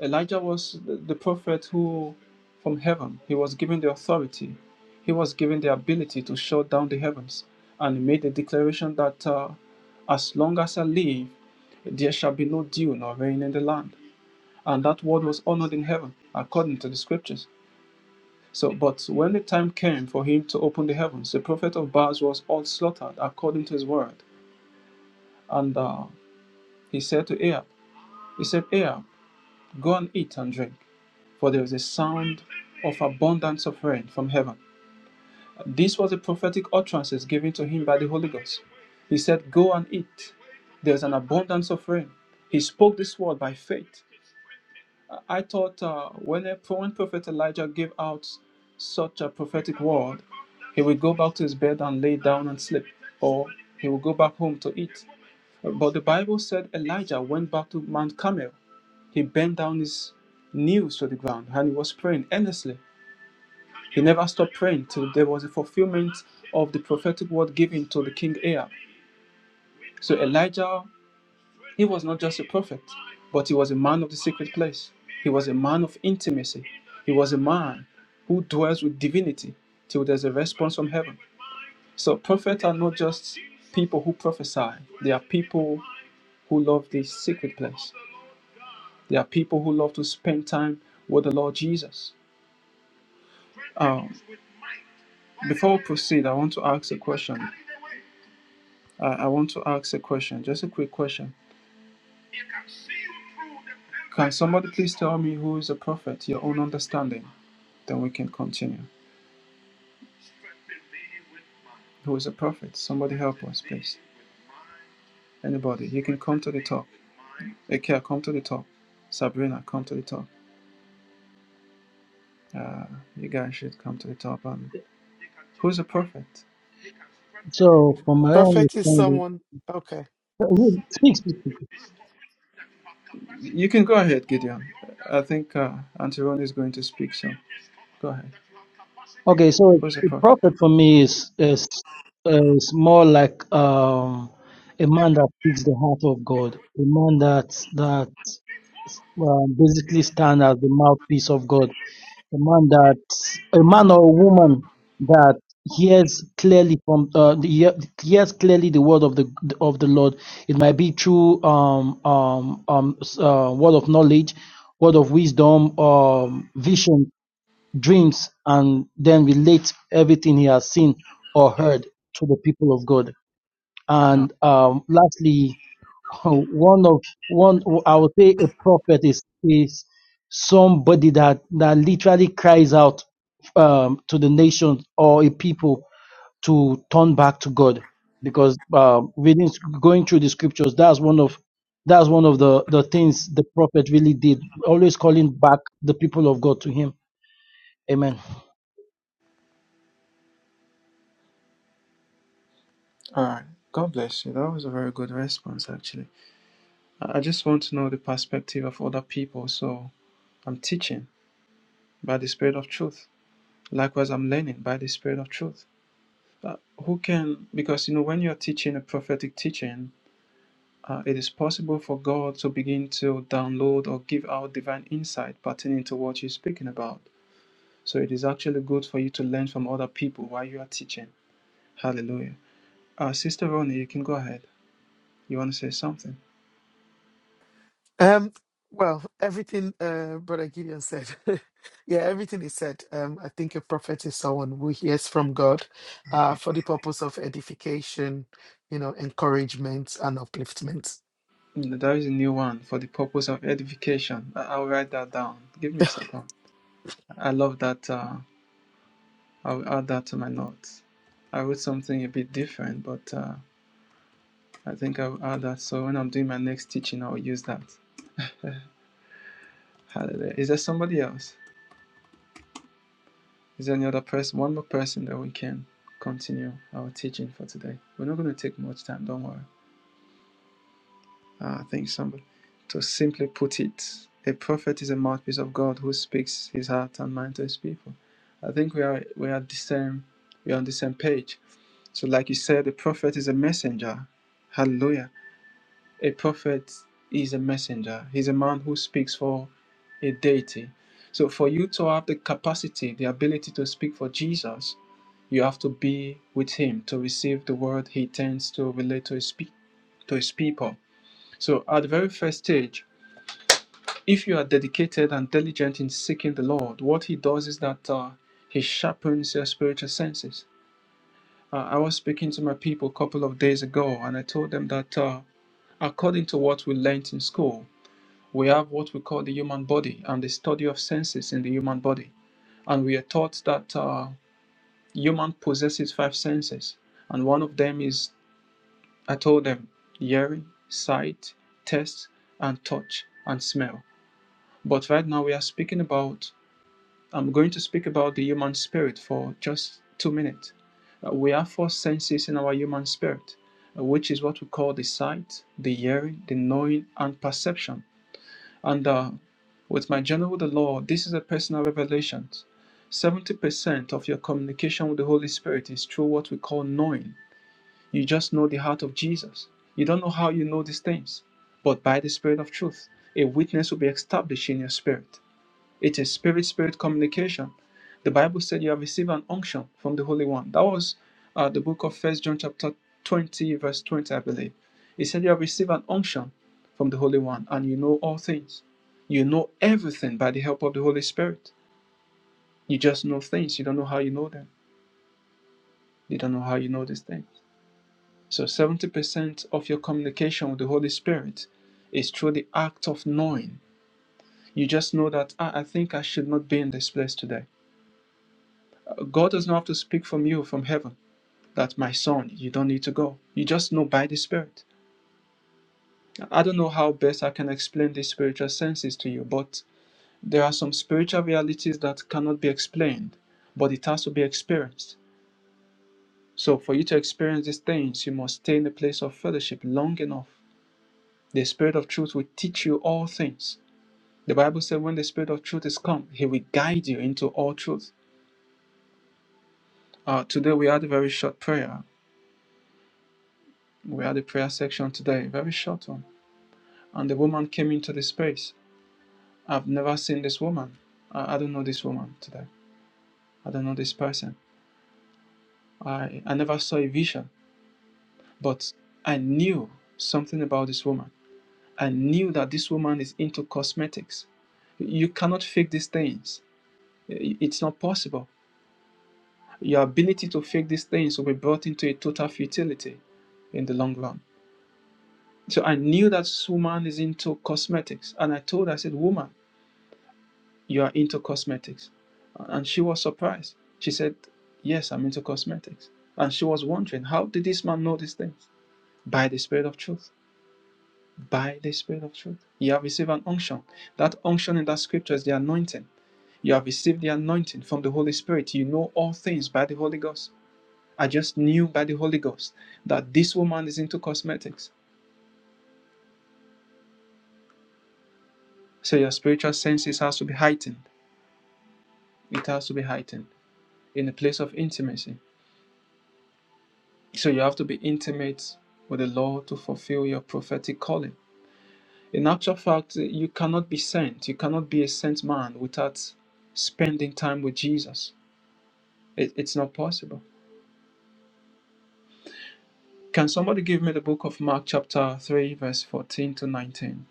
S3: Elijah was the the prophet who from heaven he was given the authority. He was given the ability to shut down the heavens and he made the declaration that uh, as long as I live there shall be no dew nor rain in the land. And that word was honored in heaven according to the scriptures. So, but when the time came for him to open the heavens, the prophet of Baal was all slaughtered according to his word. And uh, he said to Ahab, He said, Ahab, go and eat and drink, for there is a sound of abundance of rain from heaven. This was a prophetic utterance given to him by the Holy Ghost. He said, Go and eat. There's an abundance of rain. He spoke this word by faith. I thought uh, when, a, when Prophet Elijah gave out such a prophetic word, he would go back to his bed and lay down and sleep, or he would go back home to eat. But the Bible said Elijah went back to Mount Carmel. He bent down his knees to the ground and he was praying earnestly. He never stopped praying till there was a fulfillment of the prophetic word given to the king Ahab. So Elijah he was not just a prophet, but he was a man of the secret place. He was a man of intimacy. He was a man who dwells with divinity till there's a response from heaven. So prophets are not just people who prophesy. They are people who love the secret place. They are people who love to spend time with the Lord Jesus. Um, before we proceed, I want to ask a question. I I want to ask a question, just a quick question. Can somebody please tell me who is a prophet? Your own understanding. Then we can continue. who is a prophet. Somebody help us, please. Anybody, you can come to the top. Ikea, come to the top. Sabrina, come to the top. Uh, you guys should come to the top. Um, who's a prophet?
S4: So, from my own
S1: Prophet is
S4: understanding.
S1: someone. Okay.
S4: Who speaks? to people.
S3: You can go ahead, Gideon. I think uh, Auntie Ronnie is going to speak soon. Go ahead.
S4: Okay, so
S3: Who's a
S4: the
S3: prophet?
S4: prophet for me is is is more like um a man that speaks the heart of God, a man that that um, basically stand as the mouthpiece of God, a man that a man or a woman that hears clearly from uh, the, he- hears clearly the word of the of the Lord. It might be through um um um s- uh, word of knowledge, word of wisdom, um vision dreams, and then relate everything he has seen or heard to the people of God.
S3: No.
S4: And um, lastly, one of one I would say a prophet is is somebody that that literally cries out um, to the nation or a people to turn back to God because um, reading going through the scriptures that's one of that's one of the the things the prophet really did always calling back the people of God to him amen
S3: All right. God bless you. That was a very good response, actually. I I just want to know the perspective of other people, so I'm teaching by the Spirit of Truth. Likewise, I'm learning by the Spirit of Truth. uh, who can because you know when you're teaching a prophetic teaching uh, it is possible for god to begin to download or give out divine insight pertaining to what you're speaking about so it is actually good for you to learn from other people while you are teaching hallelujah uh, sister ronnie you can go ahead you want to say something
S1: Um. Well, everything uh, Brother Gideon said. yeah, everything he said. Um. I think a prophet is someone who hears from God, uh, for the purpose of edification, you know, encouragement and upliftment.
S3: Mm, there is a new one for the purpose of edification I- i'll write that down give me a second i love that uh, i'll add that to my notes i wrote something a bit different but uh, I think I'll add that. So when I'm doing my next teaching, I'll use that. Hallelujah. Is there somebody else? Is there any other person? One more person that we can continue our teaching for today. We're not going to take much time. Don't worry. Uh, I think somebody. To simply put it, a prophet is a mouthpiece of God who speaks his heart and mind to his people. I think we are we are the same. We are on the same page. So, like you said, the prophet is a messenger. Hallelujah. A prophet is a messenger, he's a man who speaks for a deity. So, for you to have the capacity, the ability to speak for Jesus, you have to be with him to receive the word he tends to relate to his, pe- to his people. So, at the very first stage, if you are dedicated and diligent in seeking the Lord, what he does is that uh, he sharpens your spiritual senses. Uh, I was speaking to my people a couple of days ago, and I told them that uh, according to what we learnt in school, we have what we call the human body and the study of senses in the human body. And we are taught that uh, human possesses five senses. And one of them is, I told them, hearing, sight, taste, and touch, and smell. But right now we are speaking about, I'm going to speak about the human spirit for just two minutes. Uh, we have four senses in our human spirit, uh, which is what we call the sight, the hearing, the knowing, and perception. And uh, with my journey with the Lord, this is a personal revelation. 70% of your communication with the Holy Spirit is through what we call knowing. You just know the heart of Jesus. You don't know how you know these things, but by the Spirit of truth, a witness will be established in your spirit. It is spirit spirit communication. The Bible said you have received an unction from the Holy One. That was uh, the book of First John chapter 20, verse 20, I believe. It said you have received an unction from the Holy One, and you know all things. You know everything by the help of the Holy Spirit. You just know things. You don't know how you know them. You don't know how you know these things. So 70% of your communication with the Holy Spirit is through the act of knowing. You just know that "Ah, I think I should not be in this place today. God doesn't have to speak from you from heaven that my son, you don't need to go. You just know by the Spirit. I don't know how best I can explain these spiritual senses to you, but there are some spiritual realities that cannot be explained, but it has to be experienced. So for you to experience these things, you must stay in the place of fellowship long enough. The Spirit of truth will teach you all things. The Bible said when the Spirit of truth is come, he will guide you into all truth. Uh, today we had a very short prayer. We had a prayer section today, very short one and the woman came into the space. I've never seen this woman. I, I don't know this woman today. I don't know this person. I, I never saw a vision, but I knew something about this woman. I knew that this woman is into cosmetics. You cannot fake these things. I- It's not possible. Your ability to fake these things will be brought into a total futility in the long run. So I knew that this woman is into cosmetics. And I told her, I said, Woman, you are into cosmetics. And she was surprised. She said, Yes, I'm into cosmetics. And she was wondering, How did this man know these things? By the Spirit of truth. By the Spirit of truth. You have received an unction. That unction in that scripture is the anointing. You have received the anointing from the Holy Spirit. You know all things by the Holy Ghost. I just knew by the Holy Ghost that this woman is into cosmetics. So your spiritual senses has to be heightened. It has to be heightened in a place of intimacy So you have to be intimate with the Lord to fulfill your prophetic calling. In actual fact, you cannot be sent. You cannot be a sent man without spending time with Jesus. It, it's not possible. Can somebody give me the book of Mark, chapter 3, verse 14 to 19?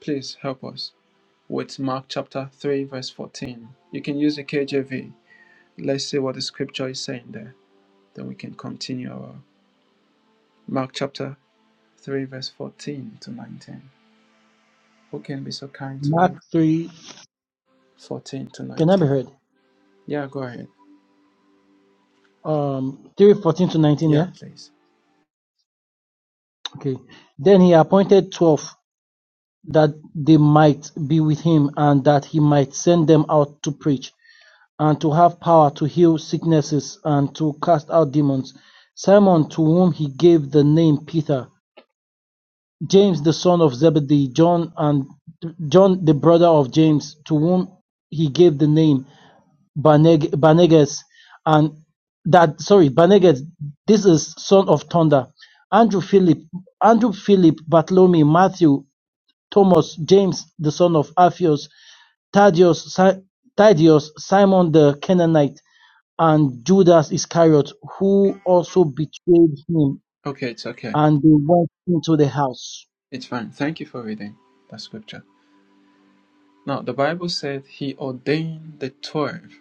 S3: Please help us with Mark, chapter 3, verse 14. You can use the KJV. Let's see what the scripture is saying there. Then we can continue our Mark, chapter 3, verse 14 to 19. Who can be so kind to read?
S4: mark three.
S3: 14 to
S4: Can I
S3: 19.
S4: be heard?
S3: Yeah, go ahead.
S4: Um, three fourteen to nineteen.
S3: Yeah,
S4: Yeah.
S3: please.
S4: Okay. Then he appointed twelve that they might be with him, and that he might send them out to preach, and to have power to heal sicknesses and to cast out demons. Simon, to whom he gave the name Peter, James the son of Zebedee, John and John the brother of James, to whom he gave the name Baneg- Banegas and that sorry Banegas. This is Son of Thunder. Andrew Philip, Andrew Philip, Bartholomew, Matthew, Thomas, James, the son of Alphaeus, Thaddeus, si- Thaddeus, Simon the Canaanite, and Judas Iscariot, who also betrayed him,
S3: Okay, it's okay.
S4: and they went into the house.
S3: It's fine. Thank you for reading the scripture. Now, the Bible said he ordained the twelve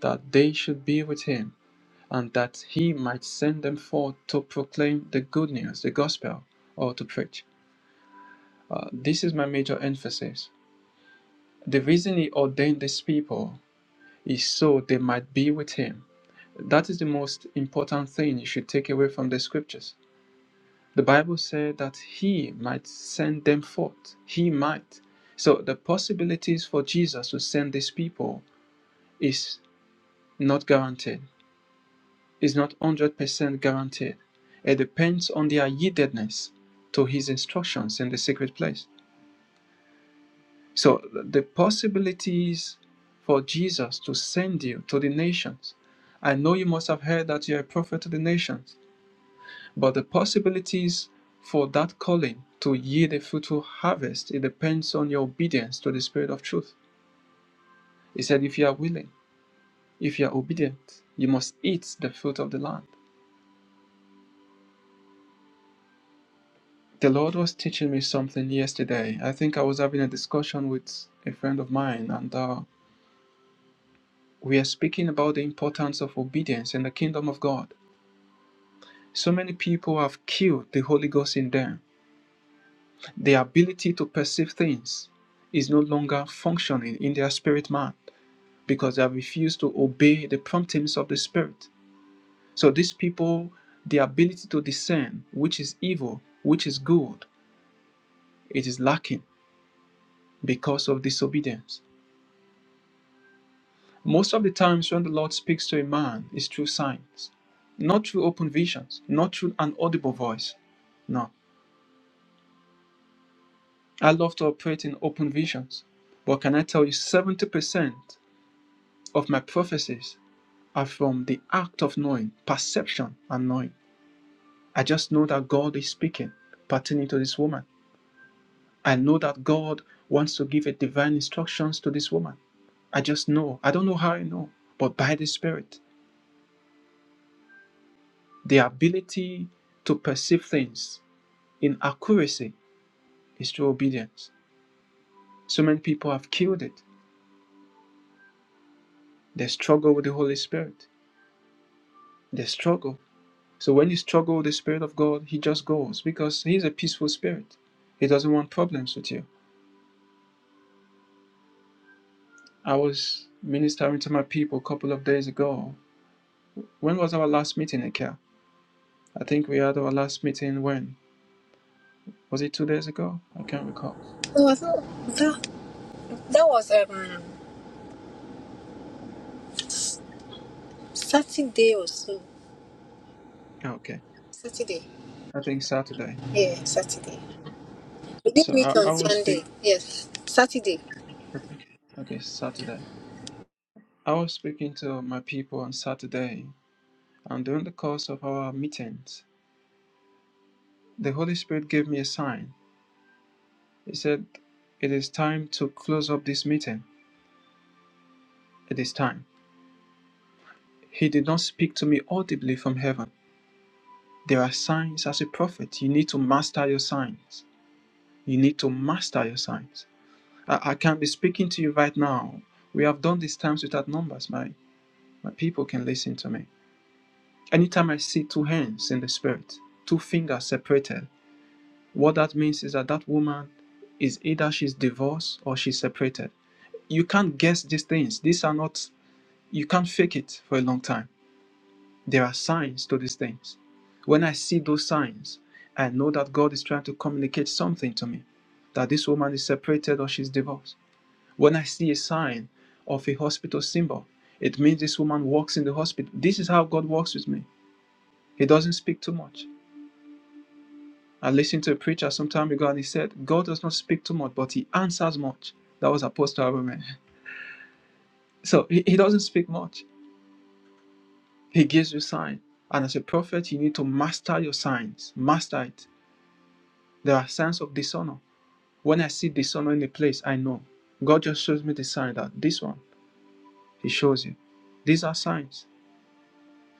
S3: that they should be with him and that he might send them forth to proclaim the good news, the gospel, or to preach. Uh, this is my major emphasis. The reason he ordained these people is so they might be with him. That is the most important thing you should take away from the scriptures The Bible said that he might send them forth. He might. So the possibilities for Jesus to send these people is not guaranteed. It's not 100% guaranteed. It depends on their yieldedness to his instructions in the secret place. So the possibilities for Jesus to send you to the nations. I know you must have heard that you're a prophet to the nations. But the possibilities for that calling to yield a fruitful harvest, it depends on your obedience to the Spirit of truth. He said, if you are willing, if you are obedient, you must eat the fruit of the land. The Lord was teaching me something yesterday. I think I was having a discussion with a friend of mine, and uh, we are speaking about the importance of obedience in the kingdom of God. So many people have killed the Holy Ghost in them. their ability to perceive things is no longer functioning in their spirit man because they have refused to obey the promptings of the Spirit. So these people, the ability to discern which is evil, which is good, it is lacking because of disobedience. Most of the times when the Lord speaks to a man it's through signs, not through open visions, not through an audible voice. No. I love to operate in open visions. But can I tell you 70% of my prophecies are from the act of knowing, perception and knowing. I just know that God is speaking pertaining to this woman. I know that God wants to give a divine instructions to this woman. I just know. I don't know how I know, but by the Spirit, the ability to perceive things in accuracy is through obedience. So many people have killed it. They struggle with the Holy Spirit. They struggle. So when you struggle with the Spirit of God, He just goes because He's a peaceful Spirit. He doesn't want problems with you. I was ministering to my people a couple of days ago, When was our last meeting, Nikhil? I think we had our last meeting when? Was it two days ago? I can't recall.
S5: No, I thought that that was um Saturday or so.
S3: Ah, Okay.
S5: Saturday.
S3: I think Saturday.
S5: Yeah, Saturday. We didn't
S3: So
S5: meet
S3: I,
S5: on
S3: I was speak.
S5: Sunday. Yes. Saturday.
S3: Okay, Saturday. I was speaking to my people on Saturday, and during the course of our meetings, the Holy Spirit gave me a sign. He said, It is time to close up this meeting. It is time. He did not speak to me audibly from heaven. There are signs as a prophet. You need to master your signs. You need to master your signs. I, I can be speaking to you right now. We have done these times without numbers. My, my people can listen to me. Anytime I see two hands in the spirit, two fingers separated, what that means is that that woman is either she's divorced or she's separated. You can't guess these things. These are not, you can't fake it for a long time. There are signs to these things. When I see those signs, I know that God is trying to communicate something to me that this woman is separated or she's divorced When I see a sign of a hospital symbol, it means this woman works in the hospital. This is how God works with me. He doesn't speak too much. I listened to a preacher some time ago and he said, God does not speak too much, but he answers much. That was Apostle Abraham. So he, he doesn't speak much. He gives you sign. And as a prophet, you need to master your signs. Master it. There are signs of dishonor. When I see dishonor in a place, I know. God just shows me the sign that this one, he shows you. These are signs.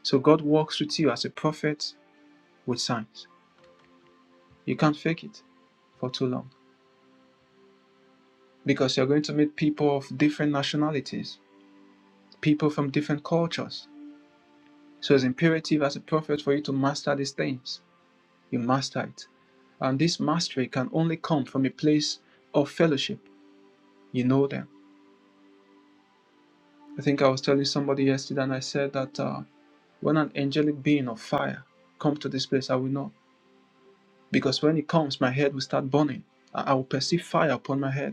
S3: So God works with you as a prophet with signs. You can't fake it for too long because you're going to meet people of different nationalities, people from different cultures. So it's imperative as a prophet for you to master these things. You master it. And this mastery can only come from a place of fellowship. You know them. I think I was telling somebody yesterday and I said that uh, when an angelic being of fire comes to this place, I will know. Because when it comes, my head will start burning. I will perceive fire upon my head.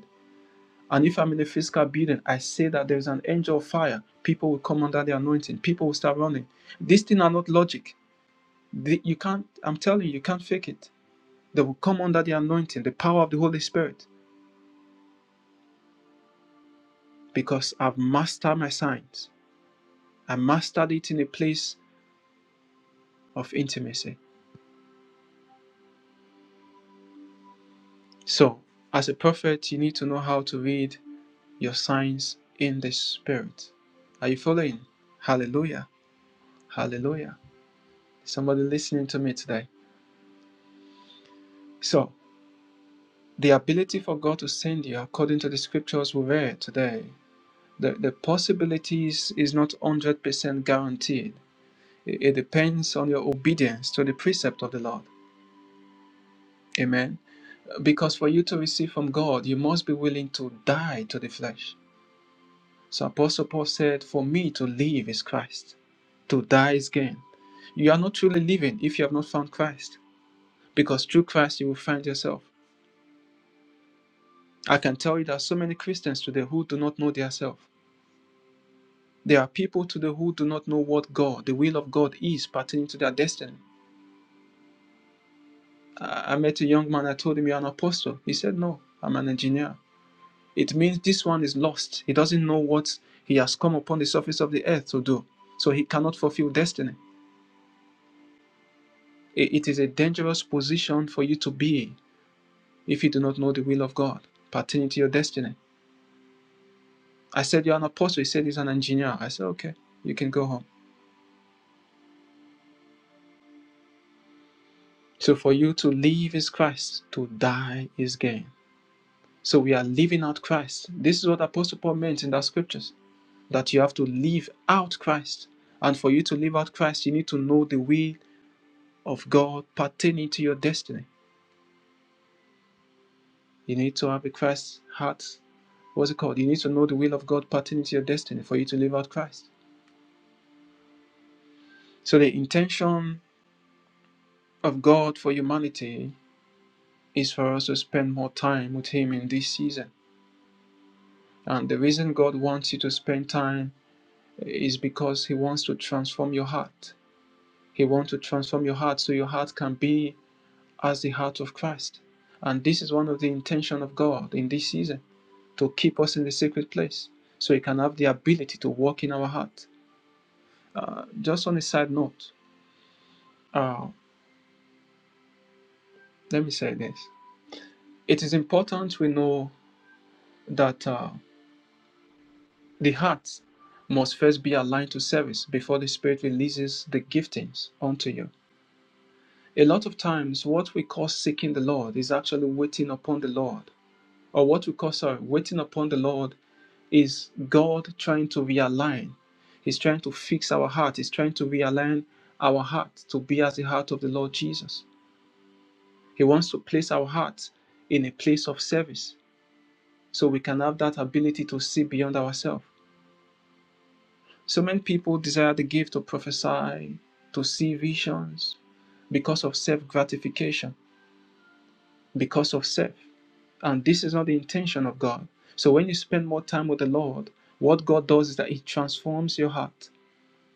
S3: And if I'm in a physical building, I say that there's an angel of fire. People will come under the anointing. People will start running. These things are not logic. The- you can't, I'm telling you, you can't fake it. They will come under the anointing, the power of the Holy Spirit, because I've mastered my signs. I mastered it in a place of intimacy. So, as a prophet, you need to know how to read your signs in the Spirit. Are you following? Hallelujah. Hallelujah. Somebody listening to me today. So, The ability for God to send you, according to the scriptures we read today, the, the possibilities is not 100% guaranteed. It, it depends on your obedience to the precept of the Lord. Amen. Because for you to receive from God, you must be willing to die to the flesh. So Apostle Paul said, For me to live is Christ, to die is gain. You are not truly living if you have not found Christ, because through Christ you will find yourself. I can tell you there are so many Christians today who do not know their self. There are people today who do not know what God, the will of God, is pertaining to their destiny. I I met a young man, I told him, You're an apostle. He said, No, I'm an engineer. It means this one is lost. He doesn't know what he has come upon the surface of the earth to do. So he cannot fulfill destiny. It is a dangerous position for you to be in if you do not know the will of God pertaining to your destiny. I said, You're an apostle. He said, He's an engineer. I said, Okay, you can go home. So for you to live is Christ, to die is gain. So we are living out Christ. This is what Apostle Paul meant in the scriptures that you have to live out Christ. And for you to live out Christ, you need to know the will of God pertaining to your destiny. You need to have a Christ heart. What's it called? You need to know the will of God pertaining to your destiny for you to live out Christ. So the intention of God for humanity is for us to spend more time with Him in this season. And the reason God wants you to spend time is because He wants to transform your heart. He wants to transform your heart so your heart can be as the heart of Christ. And this is one of the intention of God in this season to keep us in the secret place so He can have the ability to work in our heart. Uh, just on a side note, uh, let me say this. It is important we know that uh, the heart must first be aligned to service before the Spirit releases the giftings unto you. A lot of times, what we call seeking the Lord is actually waiting upon the Lord or what we call sorry, waiting upon the Lord is God trying to realign. He's trying to fix our heart. He's trying to realign our heart to be as the heart of the Lord Jesus. He wants to place our heart in a place of service so we can have that ability to see beyond ourselves. So many people desire the gift to prophesy, to see visions because of self gratification because of self. And this is not the intention of God. So when you spend more time with the Lord, what God does is that He transforms your heart.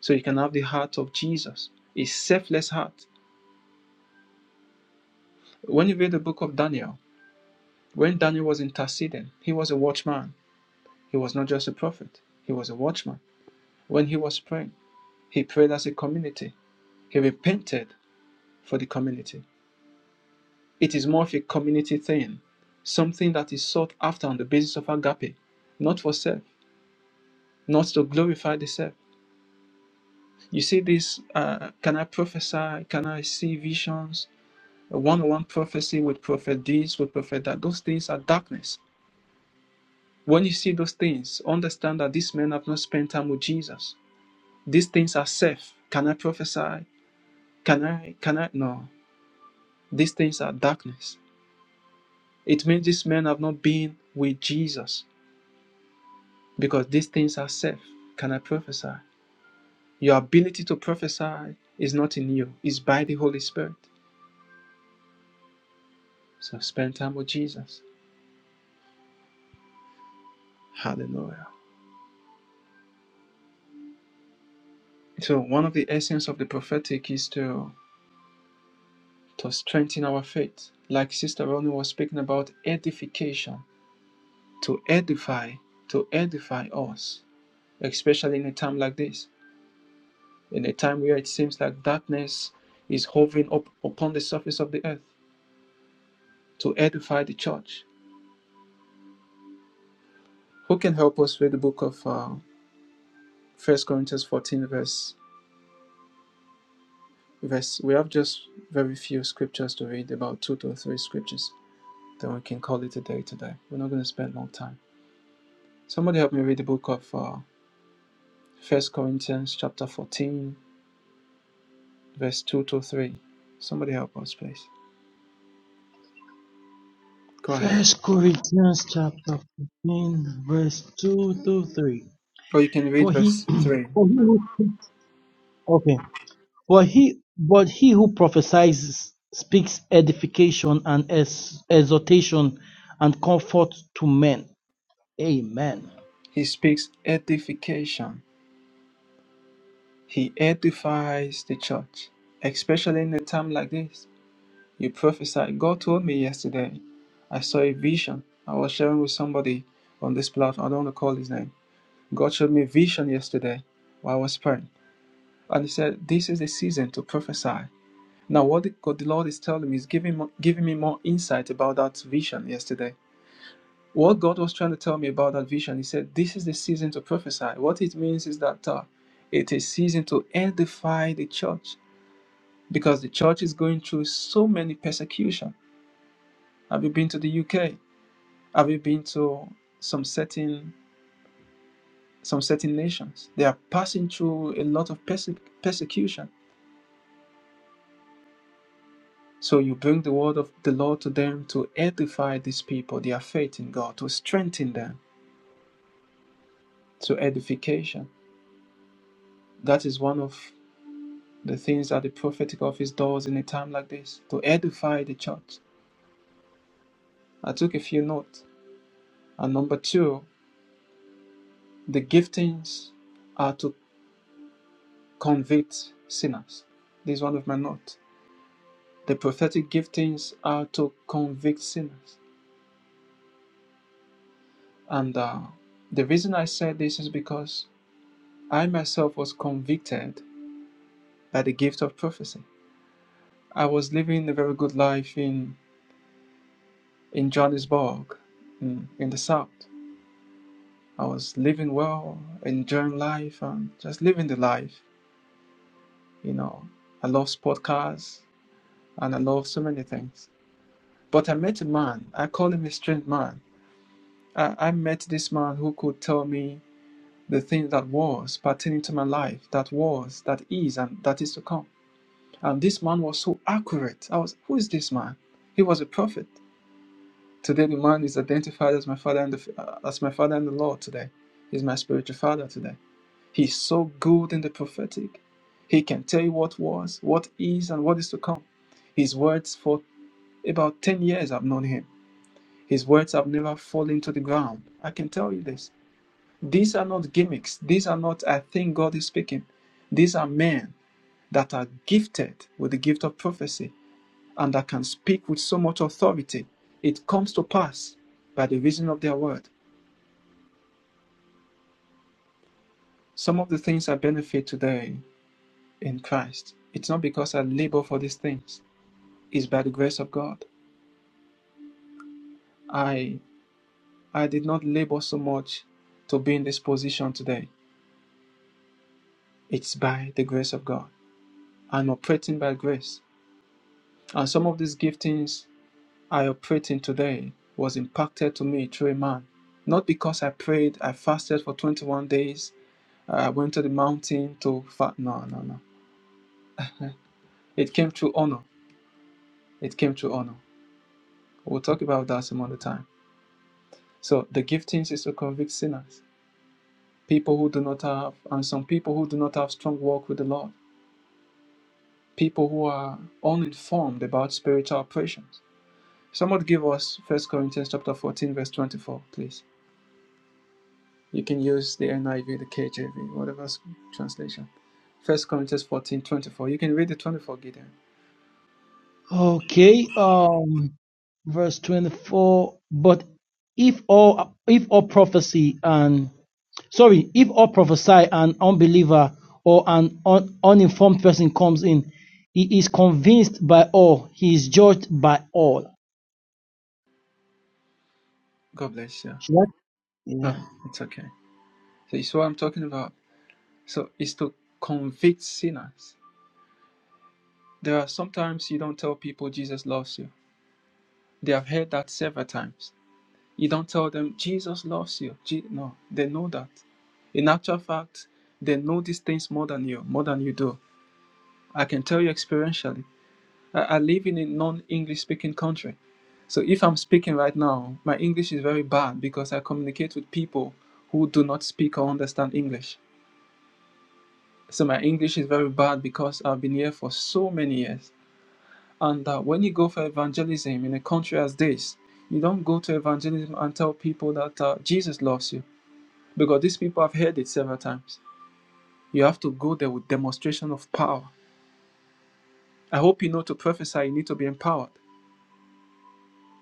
S3: So you can have the heart of Jesus, a selfless heart. When you read the book of Daniel, when Daniel was interceding, he was a watchman. He was not just a prophet, he was a watchman. When he was praying, he prayed as a community. He repented for the community. It is more of a community thing, something that is sought after on the basis of agape, not for self. not to glorify the self. You see this, uh, can I prophesy? Can I see visions? One on one prophecy with prophet this, with prophet that. Those things are darkness. When you see those things, understand that these men have not spent time with Jesus. These things are self. Can I prophesy? Can I? Can I? No. These things are darkness. It means these men have not been with Jesus because these things are self. Can I prophesy? Your ability to prophesy is not in you, it's by the Holy Spirit. So spend time with Jesus. Hallelujah. So one of the essence of the prophetic is to to strengthen our faith. Like Sister Ronnie was speaking about edification, to edify, to edify us, especially in a time like this, in a time where it seems like darkness is hovering up upon the surface of the earth, to edify the church. Who can help us with the book of uh, First Corinthians 14, verse verse? We have just very few scriptures to read, about two to three scriptures then we can call it a day today. We're not going to spend long time. Somebody help me read the book of uh, 1 Corinthians chapter 14, verse 2 to 3. Somebody help us, please. Go ahead.
S4: First Corinthians chapter 15, verse 2 to 3.
S3: Or you can read
S4: For he,
S3: verse 3.
S4: for he who speaks, okay. But he, but he who prophesies speaks edification and ex- exhortation and comfort to men. Amen.
S3: He speaks edification. He edifies the church, especially in a time like this. You prophesy. God told me yesterday, I saw a vision. I was sharing with somebody on this platform. I don't want to call his name. God showed me a vision yesterday while I was praying. And he said, This is the season to prophesy. Now, what the, God, the Lord is telling me is giving, giving me more insight about that vision yesterday. What God was trying to tell me about that vision, He said, This is the season to prophesy. What it means is that uh, it is season to edify the church because the church is going through so many persecution. Have you been to the UK? Have you been to some certain some certain nations? They are passing through a lot of perse- persecution So you bring the word of the Lord to them to edify these people, their faith in God, to strengthen them to edification. That is one of the things that the prophetic office does in a time like this, to edify the church. I took a few notes. And number two, the giftings are to convict sinners. This is one of my notes. The prophetic giftings are to convict sinners. And uh, the reason I said this is because I myself was convicted by the gift of prophecy. I was living a very good life in, in Johannesburg, in, in the South. I was living well, enjoying life, and just living the life. You know, I love sport cars and I love so many things. But I met a man, I call him a strange man. I, I met this man who could tell me the thing that was pertaining to my life, that was, that is, and that is to come. And this man was so accurate. I was, who is this man? He was a prophet. Today, the man is identified as my father and the, uh, as my father and the Lord. Today, he's my spiritual father. Today, he's so good in the prophetic. He can tell you what was, what is, and what is to come. His words for about ten years I've known him. His words have never fallen to the ground. I can tell you this. These are not gimmicks. These are not. I think God is speaking. These are men that are gifted with the gift of prophecy and that can speak with so much authority, it comes to pass by the reason of their word. Some of the things I benefit today in Christ, it's not because I labor for these things, it's by the grace of God. I I did not labor so much to be in this position today. It's by the grace of God. I'm operating by grace. And some of these giftings I operate in today was impacted to me through a man. Not because I prayed, I fasted for 21 days, I went to the mountain to fast. No, no, no. It came through honor. It came through honor. We'll talk about that some other time. So the giftings is to convict sinners, people who do not have, and some people who do not have strong walk with the Lord, people who are uninformed about spiritual operations. Someone give us First Corinthians chapter 14, verse 24, please. You can use the NIV, the KJV, whatever translation. First Corinthians 14 24. You can read the 24 Gideon.
S4: Okay. Um, verse twenty-four. But if all if all prophecy and sorry, if all prophesy an unbeliever or an un, uninformed person comes in, he is convinced by all. He is judged by all.
S3: God bless you.
S4: Should I- Yeah.
S3: No, it's okay. So it's what I'm talking about. So it's to convict sinners. There are sometimes you don't tell people Jesus loves you. They have heard that several times. You don't tell them Jesus loves you. Je- no, they know that. In actual fact, they know these things more than you, more than you do. I can tell you experientially I, live in a non-English speaking country. So if I'm speaking right now, my English is very bad because I communicate with people who do not speak or understand English. So my English is very bad because I've been here for so many years. And uh, when you go for evangelism in a country as this, you don't go to evangelism and tell people that uh, Jesus loves you because these people have heard it several times. You have to go there with demonstration of power. I hope you know to prophesy, you need to be empowered.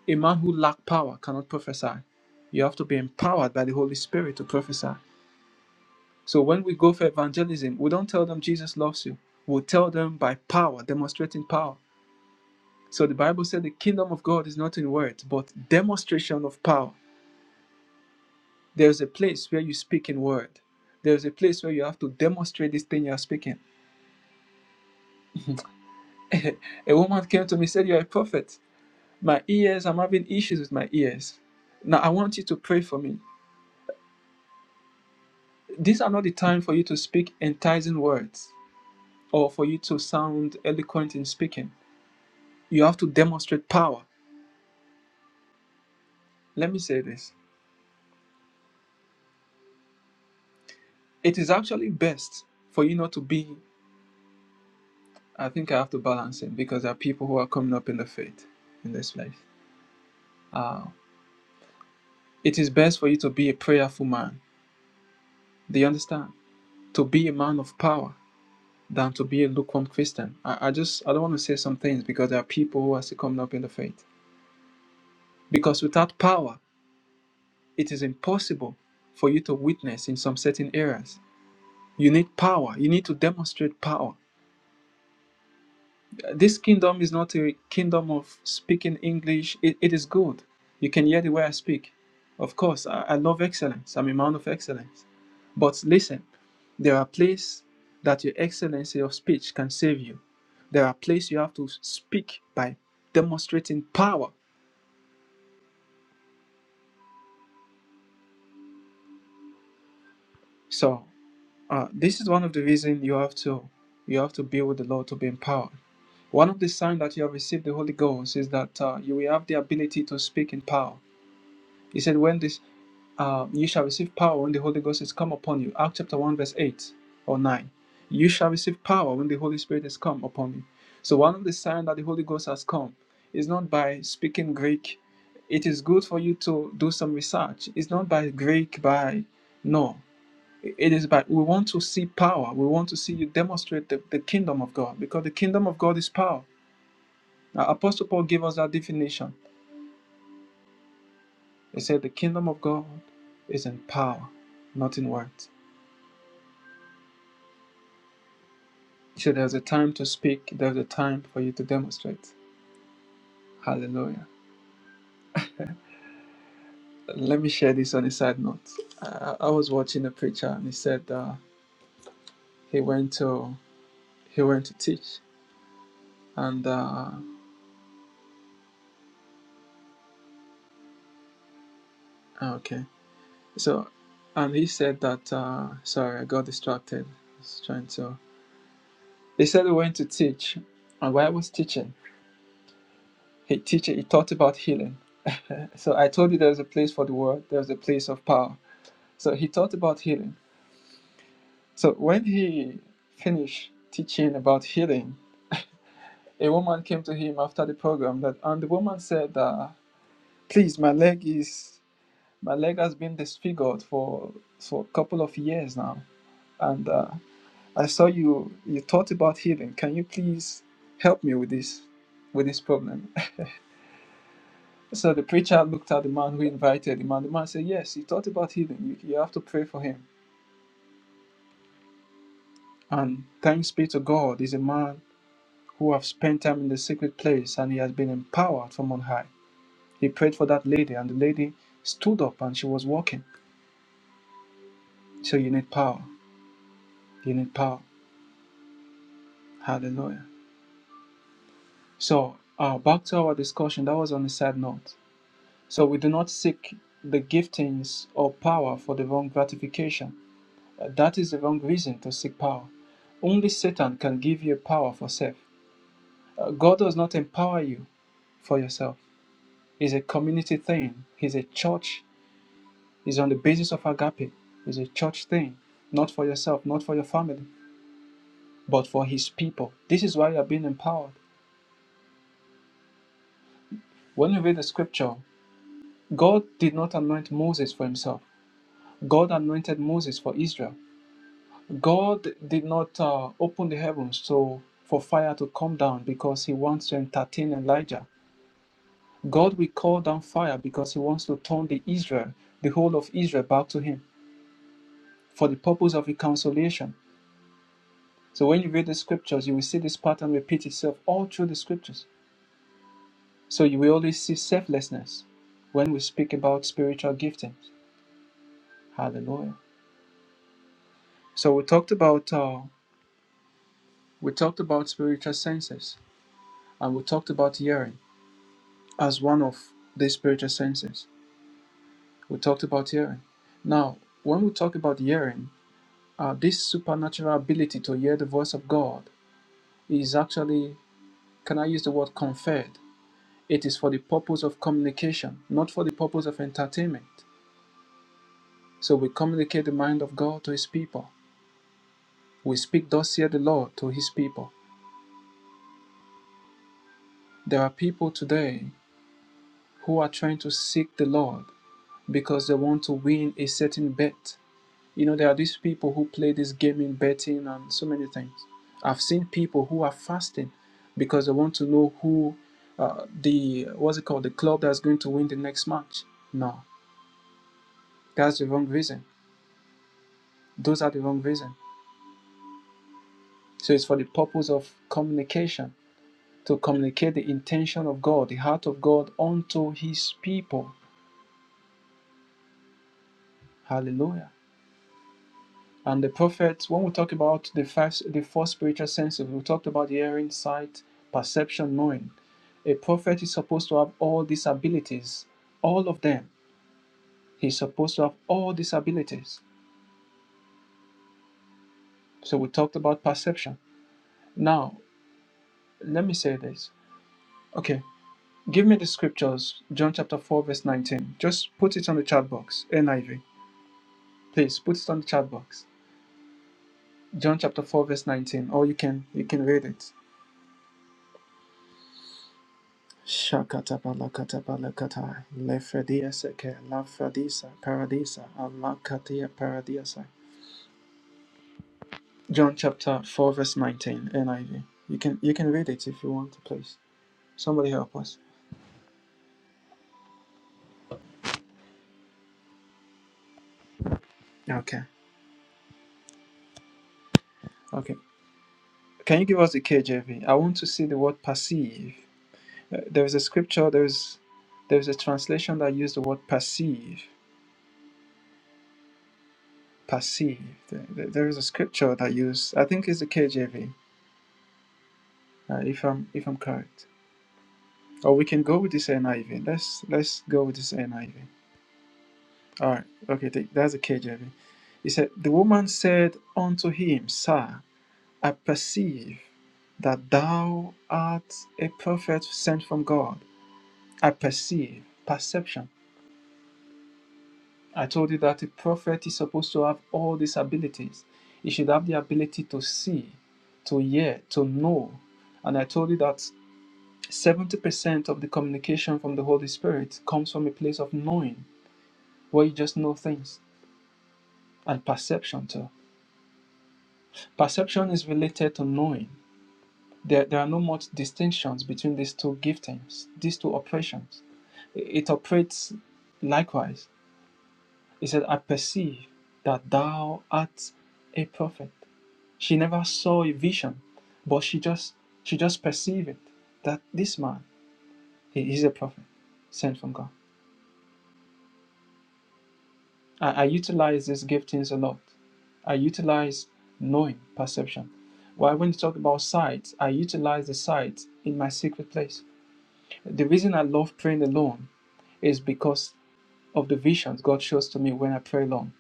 S3: A man who lacks power cannot prophesy. You have to be empowered by the Holy Spirit to prophesy. So when we go for evangelism, we don't tell them Jesus loves you. We tell them by power, demonstrating power. So the Bible said the kingdom of God is not in words, but demonstration of power. There's a place where you speak in word. There's a place where you have to demonstrate this thing you're speaking. a woman came to me said, You're a prophet. My ears, I'm having issues with my ears. Now I want you to pray for me. These are not the time for you to speak enticing words or for you to sound eloquent in speaking. You have to demonstrate power. Let me say this. It is actually best for you not to be. I think I have to balance it because there are people who are coming up in the faith in this place. Uh, it is best for you to be a prayerful man. Do you understand? To be a man of power than to be a lukewarm Christian. I, I just I don't want to say some things because there are people who are still coming up in the faith. Because without power, it is impossible for you to witness in some certain areas. You need power. You need to demonstrate power. This kingdom is not a kingdom of speaking English. It, it is good. You can hear the way I speak. Of course, I, I love excellence. I'm a man of excellence. But listen, there are places that your excellency of speech can save you. There are places you have to speak by demonstrating power. So Uh, this is one of the reasons you have to you have to be with the Lord to be empowered. One of the signs that you have received the Holy Ghost is that uh, you will have the ability to speak in power. He said, "When this uh, you shall receive power when the Holy Ghost is come upon you." Acts chapter one verse eight or nine. You shall receive power when the Holy Spirit is come upon you. So one of the signs that the Holy Ghost has come is not by speaking Greek. It is good for you to do some research. It's not by Greek by no. It is by we want to see power. We want to see you demonstrate the, the kingdom of God because the kingdom of God is power. Now, Apostle Paul gave us that definition. He said, The kingdom of God is in power, not in words. He said, There's a time to speak, there's a time for you to demonstrate. Hallelujah. Let me share this on a side note. I, I was watching a preacher and he said uh, he went to he went to teach and uh, okay So, and he said that, uh, sorry, I got distracted. I was trying to. He said we went to teach, and while I was teaching, he teacher he taught about healing. So I told you there's a place for the word, there's a place of power. So he taught about healing. So when he finished teaching about healing, a woman came to him after the program that, and the woman said, uh, "Please, my leg is, my leg has been disfigured for for a couple of years now, and." Uh, I saw you you taught about healing. Can you please help me with this with this problem? so the preacher looked at the man who invited him, and the man said, Yes, he taught about healing. You, you have to pray for him. And thanks be to God, he's a man who have spent time in the secret place and he has been empowered from on high. He prayed for that lady, and the lady stood up and she was walking. So you need power. You need power. Hallelujah. So uh, back to our discussion. That was on a side note. So we do not seek the giftings or power for the wrong gratification. Uh, that is the wrong reason to seek power. Only Satan can give you power for self. Uh, God does not empower you for yourself. It's a community thing. It's a church. It's on the basis of agape. It's a church thing, not for yourself, not for your family, but for His people. This is why you are being empowered. When you read the scripture, God did not anoint Moses for Himself. God anointed Moses for Israel. God did not uh, open the heavens so for fire to come down because He wants to entertain Elijah. God will call down fire because He wants to turn the Israel, the whole of Israel, back to Him for the purpose of reconciliation. So when you read the scriptures, you will see this pattern repeat itself all through the scriptures. So you will always see selflessness when we speak about spiritual giftings. Hallelujah. So we talked about uh, we talked about spiritual senses and we talked about hearing. as one of the spiritual senses. We talked about hearing. Now, when we talk about hearing, uh, this supernatural ability to hear the voice of God is actually, can I use the word conferred? It is for the purpose of communication, not for the purpose of entertainment. So we communicate the mind of God to His people. We speak, thus hear the Lord, to His people. There are people today who are trying to seek the Lord because they want to win a certain bet You know, there are these people who play this gaming, betting, and so many things. I've seen people who are fasting because they want to know who uh, the what's it called the club that's going to win the next match. No, that's the wrong reason. Those are the wrong reason. So it's for the purpose of communication to communicate the intention of God, the heart of God unto His people. Hallelujah. And the prophets, when we talk about the five, the four spiritual senses, we talked about hearing, sight, perception, knowing. A prophet is supposed to have all these abilities, all of them. He's supposed to have all these abilities. So we talked about perception. Now, let me say this. Okay, give me the scriptures, John chapter 4, verse 19. Just put it on the chat box, NIV. Please put it on the chat box. John chapter 4, verse 19. Or you can you can read it. Shakatabalakatabalakai, Lefrediaseke, Lafradisa, Paradisa, Alakatia Paradiasai. John chapter 4, verse 19, NIV. You can you can read it if you want, please. Somebody help us. Okay, okay. Can you give us the KJV? I want to see the word perceive. Uh, there is a scripture, there is there is a translation that used the word perceive. Perceive. There, there there is a scripture that used, I think it's the KJV, uh, if I'm if I'm correct. Oh, we can go with this NIV. Let's let's go with this NIV. All right. Okay, th- that's the KJV. He said, "The woman said unto him, Sir, I perceive that thou art a prophet sent from God. I perceive perception. I told you that a prophet is supposed to have all these abilities. He should have the ability to see, to hear, to know. And I told you that." 70% of the communication from the Holy Spirit comes from a place of knowing where you just know things, and perception too. Perception is related to knowing. There, there are no much distinctions between these two giftings, these two operations. I- It operates likewise. He said, I perceive that thou art a prophet. She never saw a vision, but she just she just perceived it that this man he is a prophet sent from God. I, I utilize these giftings a lot. I utilize knowing perception. While when you talk about sight, I utilize the sight in my secret place. The reason I love praying alone is because of the visions God shows to me when I pray alone.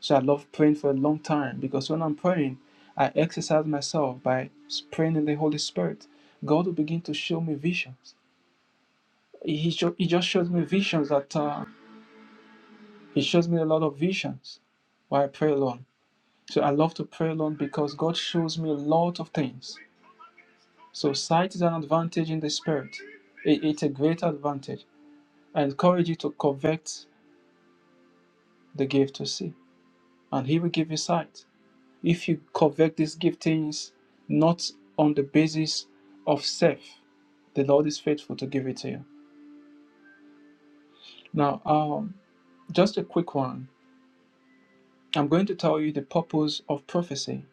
S3: So I love praying for a long time because when I'm praying, I exercise myself by praying in the Holy Spirit. God will begin to show me visions. He, sho- he just shows me visions that uh, He shows me a lot of visions while I pray alone. So I love to pray alone because God shows me a lot of things. So sight is an advantage in the spirit. It- it's a great advantage. I encourage you to covet the gift to see, and He will give you sight. If you covet these giftings not on the basis of self, the Lord is faithful to give it to you. Now, um, just a quick one. I'm going to tell you the purpose of prophecy,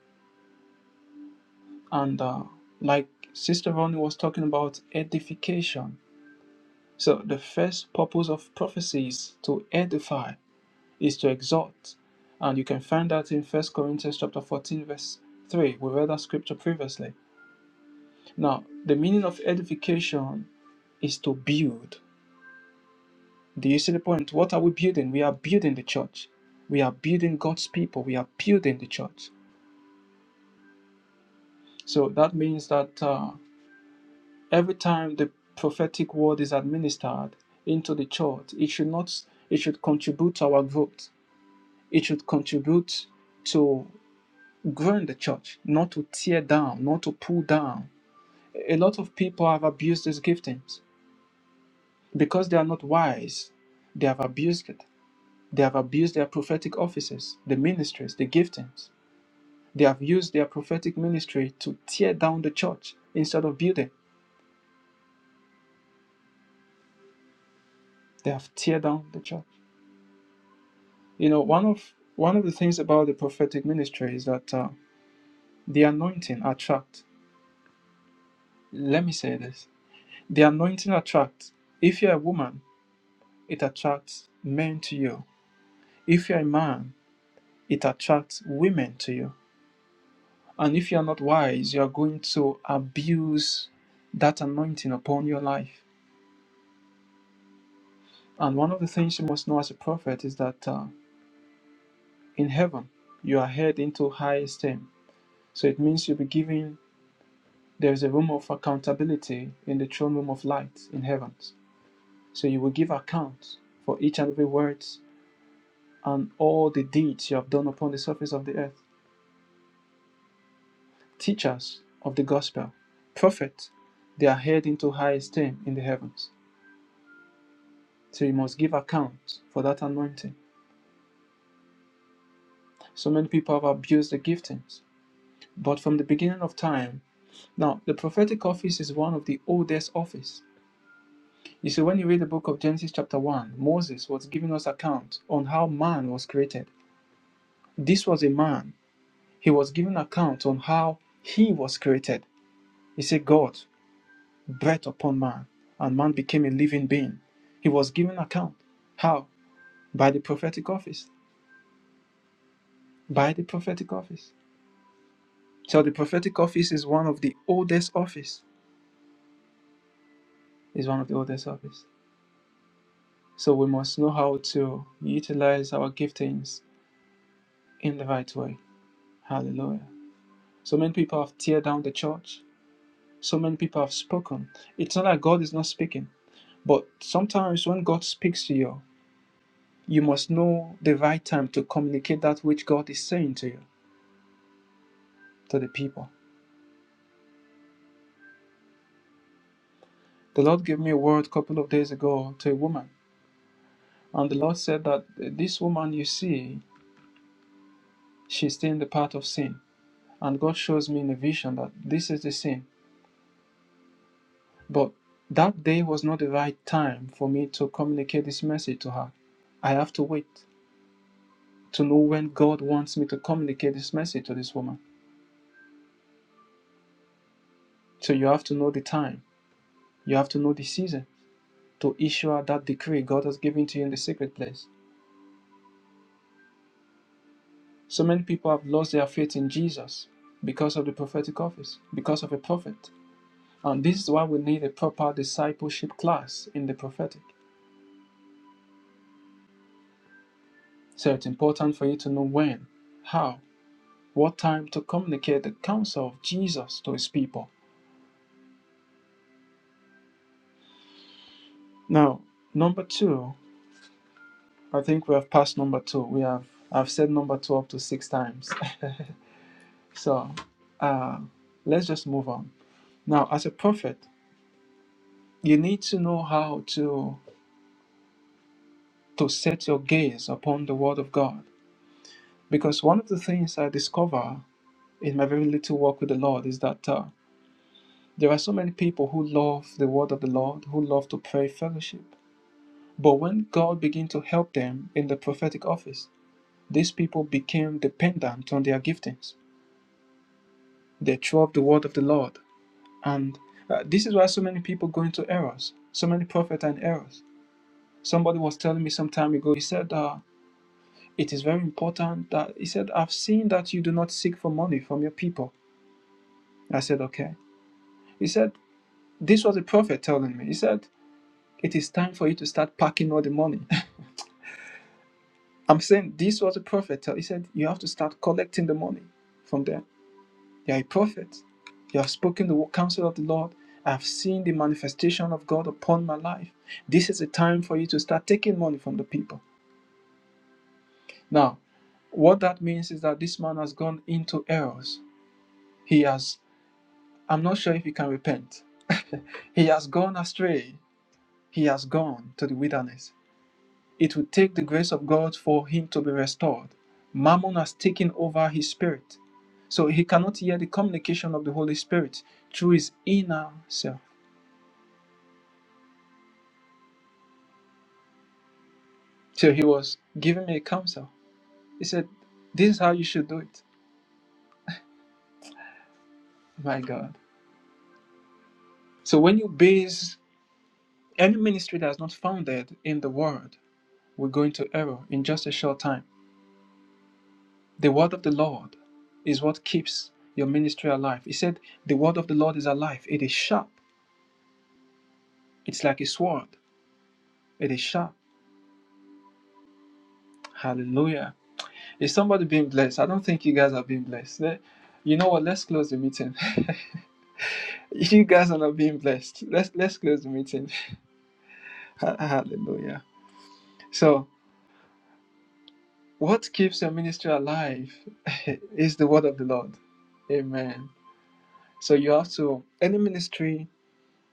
S3: and uh, like Sister Ronnie was talking about edification So the first purpose of prophecy is to edify, is to exhort. And you can find that in First Corinthians chapter 14, verse 3. We read that scripture previously. Now, the meaning of edification is to build. Do you see the point? What are we building? We are building the church. We are building God's people. We are building the church. So that means that uh, every time the prophetic word is administered into the church, it should not it should contribute to our growth It should contribute to growing the church, not to tear down, not to pull down. A lot of people have abused these giftings because they are not wise. They have abused it. They have abused their prophetic offices, the ministries, the giftings. They have used their prophetic ministry to tear down the church instead of building. They have tear down the church. You know, one of one of the things about the prophetic ministry is that uh, the anointing attract. Let me say this: The anointing attracts. If you're a woman, it attracts men to you. If you're a man, it attracts women to you. And if you're not wise, you're going to abuse that anointing upon your life. And one of the things you must know as a prophet is that uh, in heaven, you are held into high esteem. So it means you'll be given, there's a room of accountability in the throne room of light in heavens. So you will give account for each and every word and all the deeds you have done upon the surface of the earth. Teachers of the gospel, prophets, they are held into high esteem in the heavens. So you must give account for that anointing. So many people have abused the giftings. But from the beginning of time, now the prophetic office is one of the oldest office. You see, when you read the book of Genesis chapter 1, Moses was giving us account on how man was created. This was a man. He was giving account on how he was created. He said, God. breath upon man, and man became a living being. He was given account. How? By the prophetic office. By the prophetic office. So the prophetic office is one of the oldest office. Is one of the oldest office. So we must know how to utilize our giftings in the right way. Hallelujah. So many people have teared down the church. So many people have spoken. It's not like God is not speaking. But sometimes when God speaks to you, You must know the right time to communicate that which God is saying to you, to the people. The Lord gave me a word a couple of days ago to a woman, and the Lord said that this woman you see, she's still in the path of sin. And God shows me in a vision that this is the sin. But that day was not the right time for me to communicate this message to her. I have to wait to know when God wants me to communicate this message to this woman. So you have to know the time, you have to know the season. to issue that decree God has given to you in the secret place. So many people have lost their faith in Jesus because of the prophetic office, because of a prophet. And this is why we need a proper discipleship class in the prophetic. So it's important for you to know when, how, what time to communicate the counsel of Jesus to his people. Now, number two, I think we have passed number two. We have I've said number two up to six times. so uh, let's just move on. Now, as a prophet, You need to know how to to set your gaze upon the Word of God, because one of the things I discover in my very little walk with the Lord is that uh, there are so many people who love the Word of the Lord, who love to pray fellowship, but when God began to help them in the prophetic office, these people became dependent on their giftings. They threw up the Word of the Lord, and uh, this is why so many people go into errors, so many prophets are in errors. Somebody was telling me some time ago. He said. Uh, it is very important that he said, I've seen that you do not seek for money from your people. I said, Okay. He said, This was a prophet telling me. He said, It is time for you to start packing all the money. I'm saying this was a prophet He said, You have to start collecting the money from them. You are a prophet. You have spoken the counsel of the Lord. I have seen the manifestation of God upon my life. This is a time for you to start taking money from the people. Now, what that means is that this man has gone into errors. He has I'm not sure if he can repent. he has gone astray. He has gone to the wilderness. It would take the grace of God for him to be restored. Mammon has taken over his spirit. So he cannot hear the communication of the Holy Spirit through his inner self. So he was giving me a counsel. He said, This is how you should do it. My God. So when you base any ministry that is not founded in the word, we are going to error in just a short time. The word of the Lord is what keeps your ministry alive. He said, The word of the Lord is alive. It is sharp. It's like a sword. It is sharp. Hallelujah. Is somebody being blessed? I don't think you guys are being blessed. Le- You know what? Let's close the meeting. you guys are not being blessed. Let's let's close the meeting. Hallelujah. So, what keeps your ministry alive is the word of the Lord. Amen. So you have to any ministry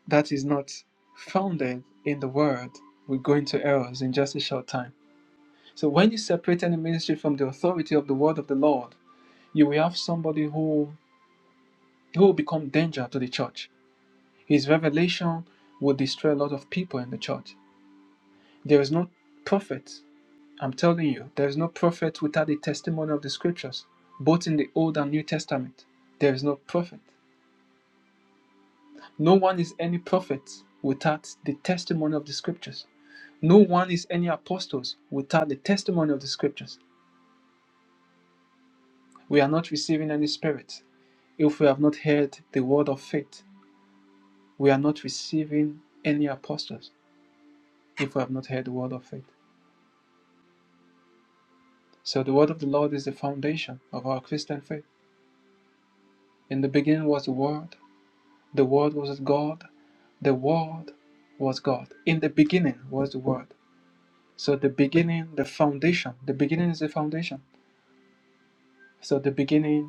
S3: that is not founded in the word will go into errors in just a short time. So when you separate any ministry from the authority of the word of the Lord, you will have somebody who who will become danger to the church. His revelation will destroy a lot of people in the church. There is no prophet, I'm telling you, there is no prophet without the testimony of the scriptures, both in the Old and New Testament. There is no prophet. No one is any prophet without the testimony of the scriptures. No one is any apostles without the testimony of the scriptures. We are not receiving any spirit. If we have not heard the word of faith, we are not receiving any apostles if we have not heard the word of faith. So the word of the Lord is the foundation of our Christian faith. In the beginning was the word, the word was with God, the word was God. In the beginning was the word. So the beginning, the foundation, the beginning is the foundation. So the beginning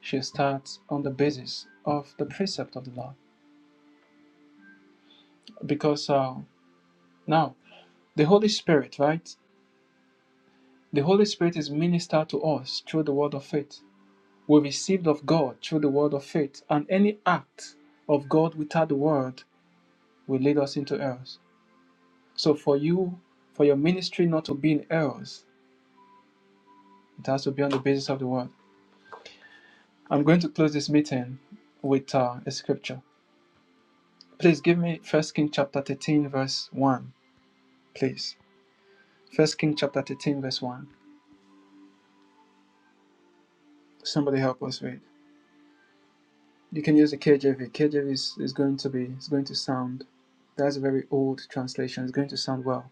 S3: she starts on the basis of the precept of the law. Because uh, now, the Holy Spirit, right? The Holy Spirit is ministered to us through the word of faith. We received of God through the word of faith, and any act of God without the word will lead us into errors. So for you, for your ministry not to be in errors, it has to be on the basis of the word. I'm going to close this meeting with uh, a scripture. Please give me First King chapter 13, verse 1, please. First King chapter 13, verse 1. Somebody help us read. You can use the KJV. KJV is, is going to be is going to sound that's a very old translation. It's going to sound well.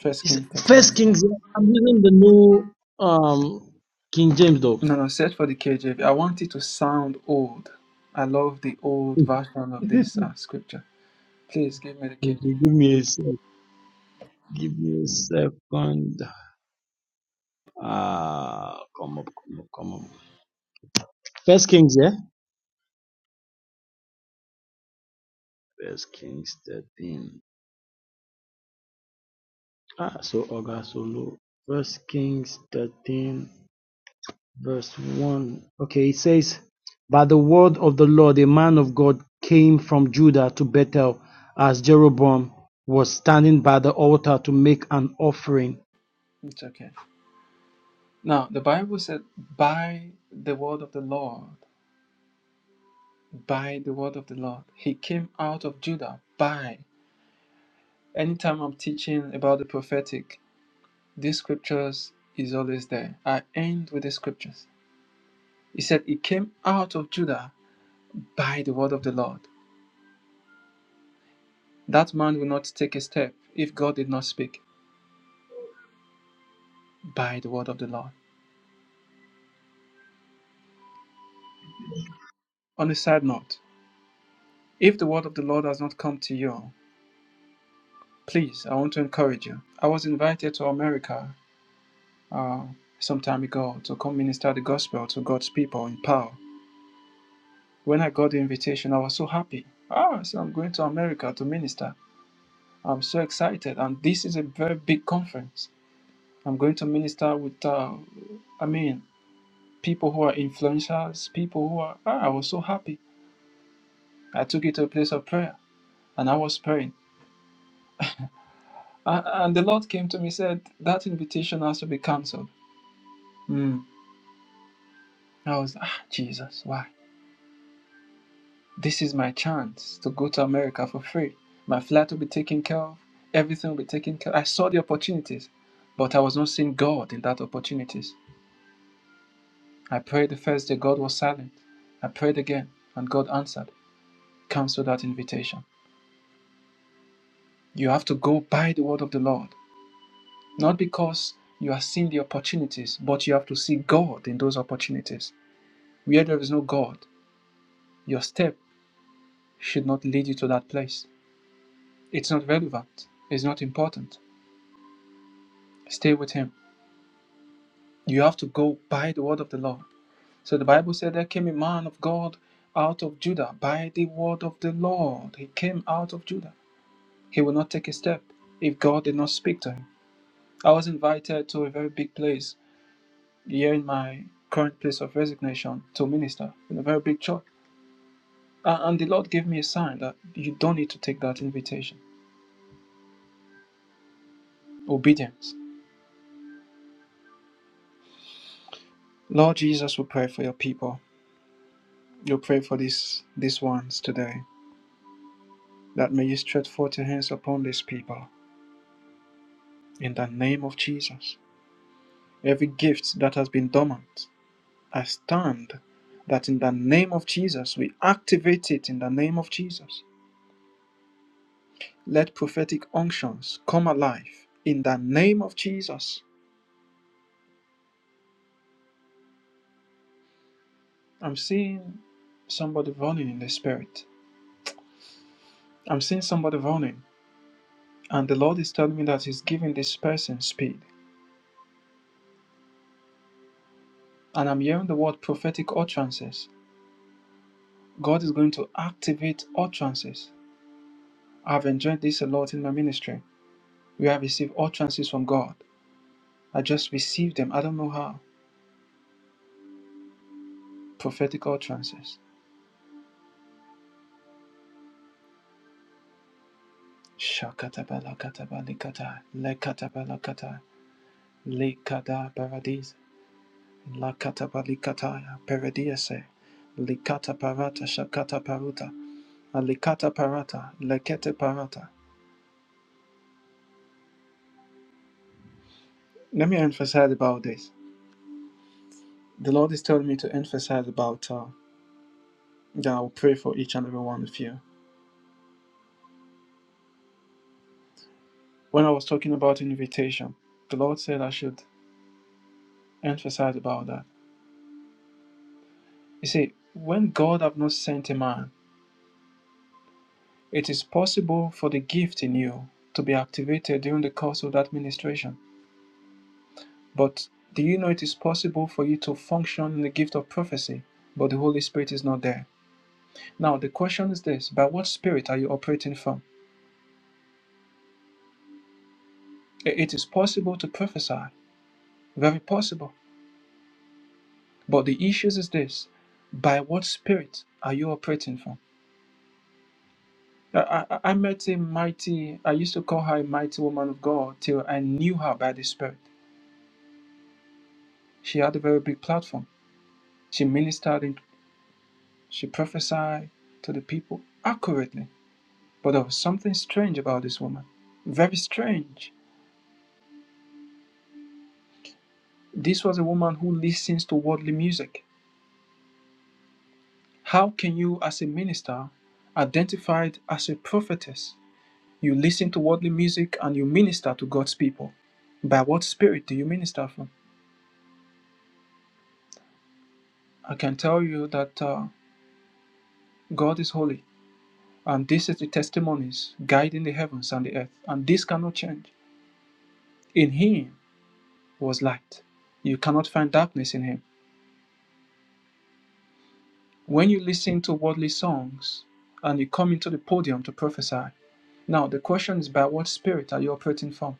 S3: First
S4: It's
S3: King 13,
S4: First
S3: verse 1.
S4: Kings. I'm using the new um King James though.
S3: No, no, search for the KJV. I want it to sound old. I love the old version of this uh, scripture. Please give me the KJV.
S4: Okay, give me a sec. Give me a second. Ah, come up, come up, come up. First Kings, yeah. First Kings thirteen. Ah, so Oga Solo. First Kings thirteen, verse one. Okay, it says, "By the word of the Lord, a man of God came from Judah to Bethel, as Jeroboam was standing by the altar to make an offering."
S3: It's okay. Now, the Bible said, by the word of the Lord, by the word of the Lord. He came out of Judah by. Anytime I'm teaching about the prophetic, These scriptures is always there. I end with the scriptures. He said, He came out of Judah by the word of the Lord. That man will not take a step if God did not speak by the word of the Lord. On a side note, if the word of the Lord has not come to you, please, I want to encourage you. I was invited to America uh, some time ago to come minister the gospel to God's people in power. When I got the invitation, I was so happy. Ah, so I'm going to America to minister. I'm so excited, and this is a very big conference. I'm going to minister with, uh, I mean, people who are influencers, people who are. Ah, I was so happy. I took it to a place of prayer, and I was praying, and, and the Lord came to me said that invitation has to be cancelled. Hmm. I was ah Jesus, why? This is my chance to go to America for free. My flight will be taken care of. Everything will be taken care. I saw the opportunities, but I was not seeing God in that opportunities. I prayed the first day, God was silent. I prayed again, and God answered. Cancel that invitation. You have to go by the word of the Lord, not because you are seeing the opportunities, but you have to see God in those opportunities. Where there is no God, your step should not lead you to that place. It's not relevant, it's not important. Stay with Him. You have to go by the word of the Lord. So the Bible said there came a man of God out of Judah by the word of the Lord. He came out of Judah. He would not take a step if God did not speak to him. I was invited to a very big place here in my current place of resignation to minister in a very big church. A- And the Lord gave me a sign that you don't need to take that invitation. Obedience. Lord Jesus, we pray for your people. You pray for these these ones today. That may you stretch forth your hands upon these people in the name of Jesus. Every gift that has been dormant I stand that in the name of Jesus, we activate it in the name of Jesus. Let prophetic unctions come alive in the name of Jesus. I'm seeing somebody running in the spirit. I'm seeing somebody running, and the Lord is telling me that He's giving this person speed. And I'm hearing the word prophetic utterances. God is going to activate utterances. I've enjoyed this a lot in my ministry. We have received utterances from God. I just received them. I don't know how. Prophetic utterances. Shakatabalakatabalikata, lekatabalakata, likada paradis, lakatabalikataya, paradiese, likata parata, shakata paruta, alikata parata, lekete parata. Let me emphasize about this. The Lord is telling me to emphasize about uh, that I will pray for each and every one of you. When I was talking about invitation, the Lord said I should emphasize about that. You see, when God have not sent a man, It is possible for the gift in you to be activated during the course of that ministration. But do you know it is possible for you to function in the gift of prophecy, but the Holy Spirit is not there? Now, the question is this by what spirit are you operating from? I- It is possible to prophesy, very possible. But the issue is this by what spirit are you operating from? I, I, I met a mighty, I used to call her a mighty woman of God till I knew her by the Spirit. She had a very big platform. She ministered in. She prophesied to the people accurately. But there was something strange about this woman. Very strange. This was a woman who listens to worldly music. How can you, as a minister, identified as a prophetess, you listen to worldly music and you minister to God's people? By what spirit do you minister from? I can tell you that uh, God is holy, and this is the testimonies guiding the heavens and the earth, and this cannot change. In Him was light. You cannot find darkness in Him. When you listen to worldly songs and you come into the podium to prophesy, now the question is by what spirit are you operating from?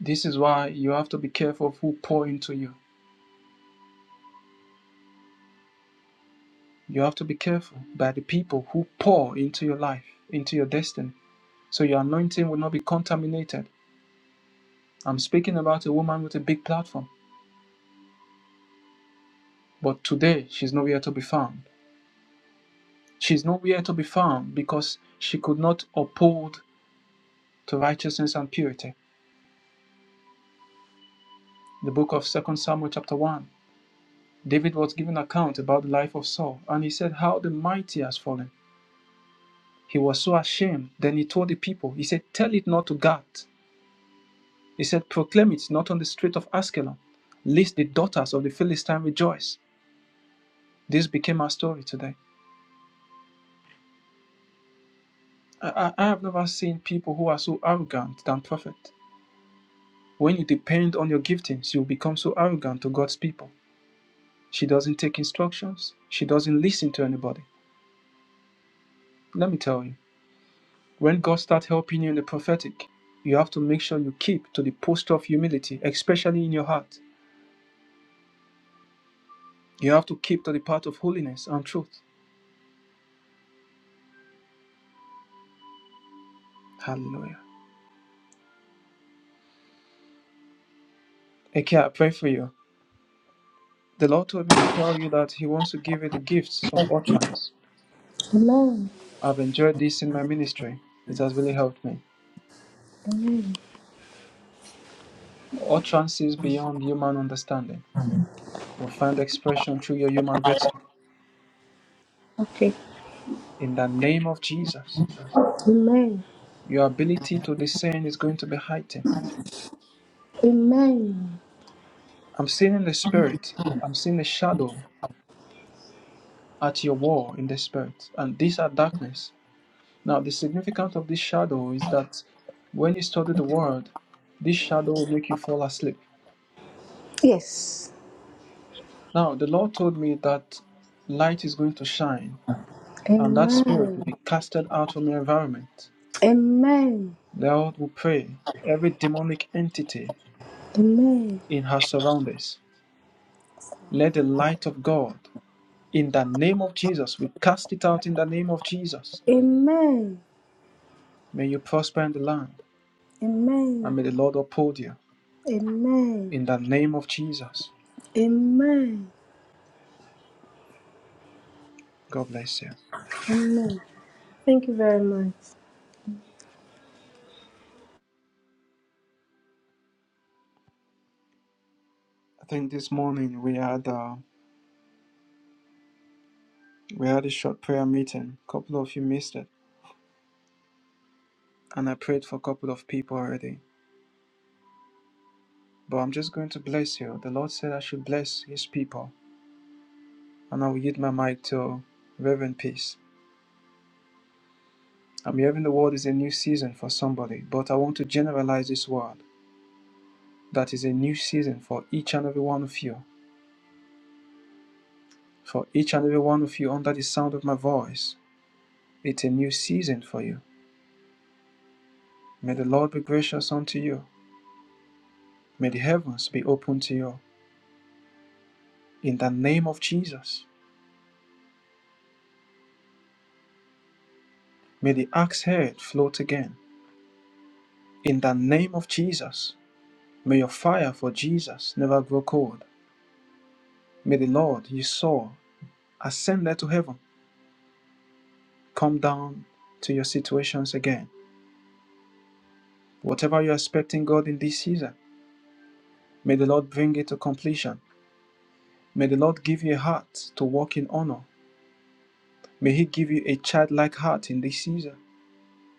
S3: This is why you have to be careful of who pour into you. You have to be careful by the people who pour into your life, into your destiny. So your anointing will not be contaminated. I'm speaking about a woman with a big platform, but today she's nowhere to be found. She's nowhere to be found because she could not uphold to righteousness and purity. The book of Second Samuel chapter 1. David was given account about the life of Saul, and he said how the mighty has fallen. He was so ashamed. Then he told the people, he said, Tell it not to Gath. He said, Proclaim it not on the street of Askelon, lest the daughters of the Philistine rejoice. This became our story today. I, I I have never seen people who are so arrogant than prophet. When you depend on your giftings, you become so arrogant to God's people. She doesn't take instructions, she doesn't listen to anybody. Let me tell you. When God starts helping you in the prophetic, you have to make sure you keep to the posture of humility, especially in your heart. You have to keep to the path of holiness and truth. Hallelujah. Okay, I pray for you. The Lord told me to tell you that He wants to give you the gifts of utterance. I've enjoyed this in my ministry. It has really helped me. Utterances beyond human understanding will find expression through your human vessel.
S5: Okay.
S3: In the name of Jesus,
S5: Amen.
S3: your ability to discern is going to be heightened.
S5: Amen.
S3: I'm seeing in the spirit. I'm seeing the shadow at your wall in the spirit, and these are darkness. Now, the significance of this shadow is that when you study the word, this shadow will make you fall asleep.
S5: Yes.
S3: Now, the Lord told me that light is going to shine, and that spirit will
S5: Amen.
S3: be casted out from your environment.
S5: Amen.
S3: The Lord will pray every demonic entity
S5: Amen.
S3: in her surroundings. Let the light of God, in the name of Jesus, we cast it out in the name of Jesus.
S5: Amen.
S3: May you prosper in the land, and
S5: Amen.
S3: may the Lord uphold you.
S5: Amen.
S3: In the name of Jesus,
S5: Amen.
S3: God bless you.
S5: Amen. Thank you very much.
S3: I think this morning we had a we had a short prayer meeting. A couple of you missed it, and I prayed for a couple of people already. But I'm just going to bless you. The Lord said I should bless His people, and I will yield my mic to Reverend Peace. I'm hearing the word is a new season for somebody, but I want to generalize this word. That is a new season for each and every one of you. For each and every one of you under the sound of my voice, it's a new season for you. May the Lord be gracious unto you. May the heavens be open to you in the name of Jesus. May the axe head float again in the name of Jesus. May your fire for Jesus never grow cold. May the Lord you saw ascend there to heaven come down to your situations again. Whatever you're expecting God in this season, may the Lord bring it to completion. May the Lord give you a heart to walk in honor. May He give you a childlike heart in this season.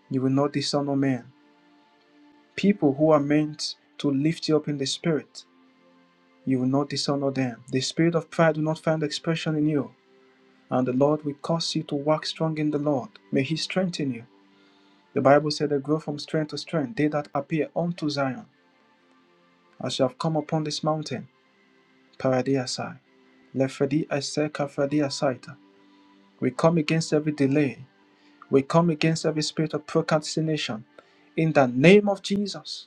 S3: You will not dishonor men. People who are meant to lift you up in the spirit You will not dishonor them. The spirit of pride will not find expression in you, and the Lord will cause you to walk strong in the Lord. May He strengthen you. The Bible said they grow from strength to strength, they that appear unto Zion, as you have come upon this mountain, Paradiasai. Lefedi Ase Kafadi Asaita. We come against every delay. We come against every spirit of procrastination. In the name of Jesus.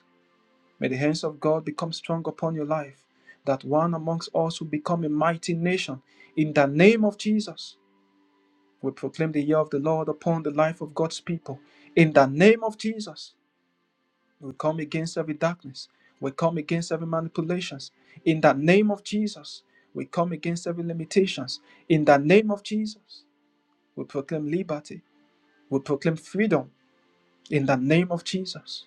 S3: May the hands of God become strong upon your life, that one amongst us will become a mighty nation. In the name of Jesus, we proclaim the year of the Lord upon the life of God's people. In the name of Jesus, we come against every darkness. We come against every manipulations. In the name of Jesus, we come against every limitations. In the name of Jesus, we proclaim liberty. We proclaim freedom. In the name of Jesus.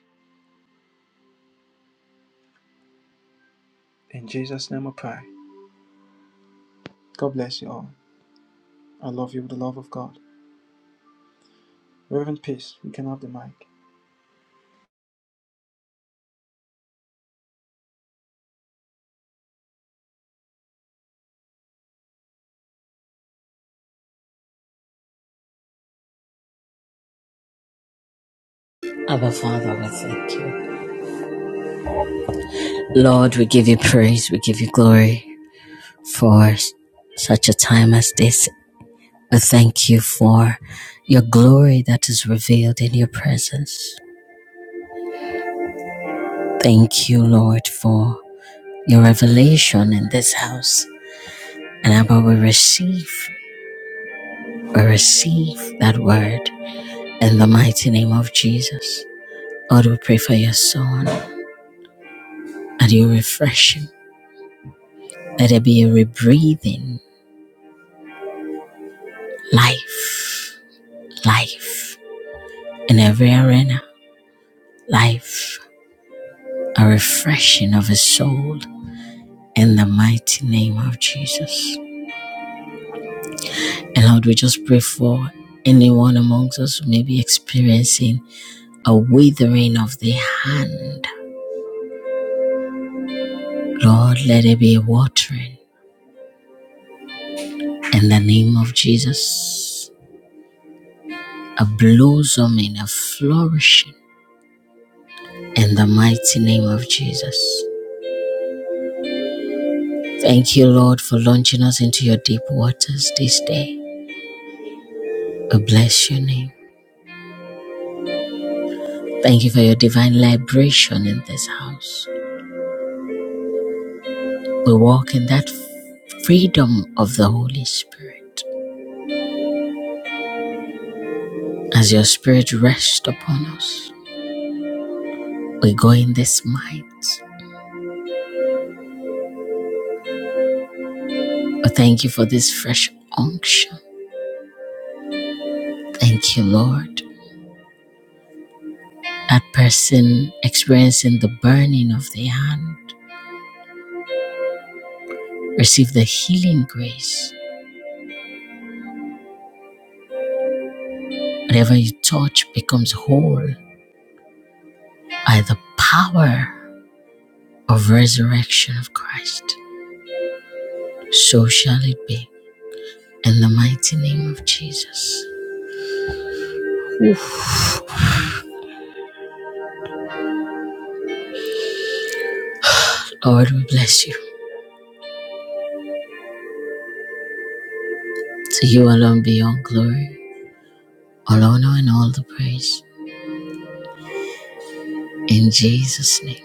S3: In Jesus' name we pray. God bless you all. I love you with the love of God. Rest in peace. You can have the mic.
S2: Abba Father, we thank you. Lord, we give you praise, we give you glory for such a time as this. We thank you for your glory that is revealed in your presence. Thank you, Lord, for your revelation in this house. And Abba, we receive. We receive that word in the mighty name of Jesus. Lord, we pray for your son and you refresh him. Let there be a rebreathing life, life in every arena, life, a refreshing of his soul in the mighty name of Jesus. And Lord, we just pray for anyone amongst us who may be experiencing a withering of the hand. Lord, let it be a watering in the name of Jesus. A blossom and a flourishing in the mighty name of Jesus. Thank you, Lord, for launching us into your deep waters this day. We bless your name. Thank you for your divine liberation in this house. We walk in that freedom of the Holy Spirit. As your spirit rests upon us, we go in this might. We thank you for this fresh unction. Thank you, Lord. A person experiencing the burning of the hand, receive the healing grace. Whatever you touch becomes whole by the power of resurrection of Christ. So shall it be. In the mighty name of Jesus. Lord, we bless you. To you alone be all glory, all honor, and all the praise. In Jesus' name.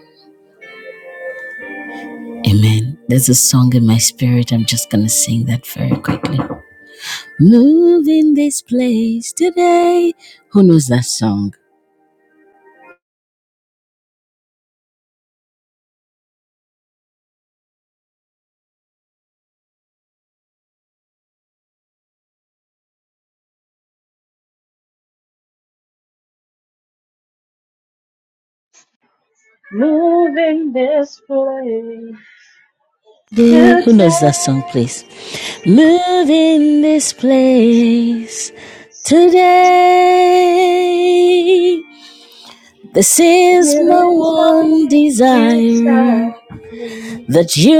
S2: Amen. There's a song in my spirit. I'm just going to sing that very quickly. Move in this place today. Who knows that song?
S6: Moving this place
S2: Day-
S6: to
S2: Who
S6: change.
S2: knows that song, please? Move in this place today. This is
S6: It
S2: my
S6: is
S2: one
S6: not you
S2: desire
S6: start. And
S2: that you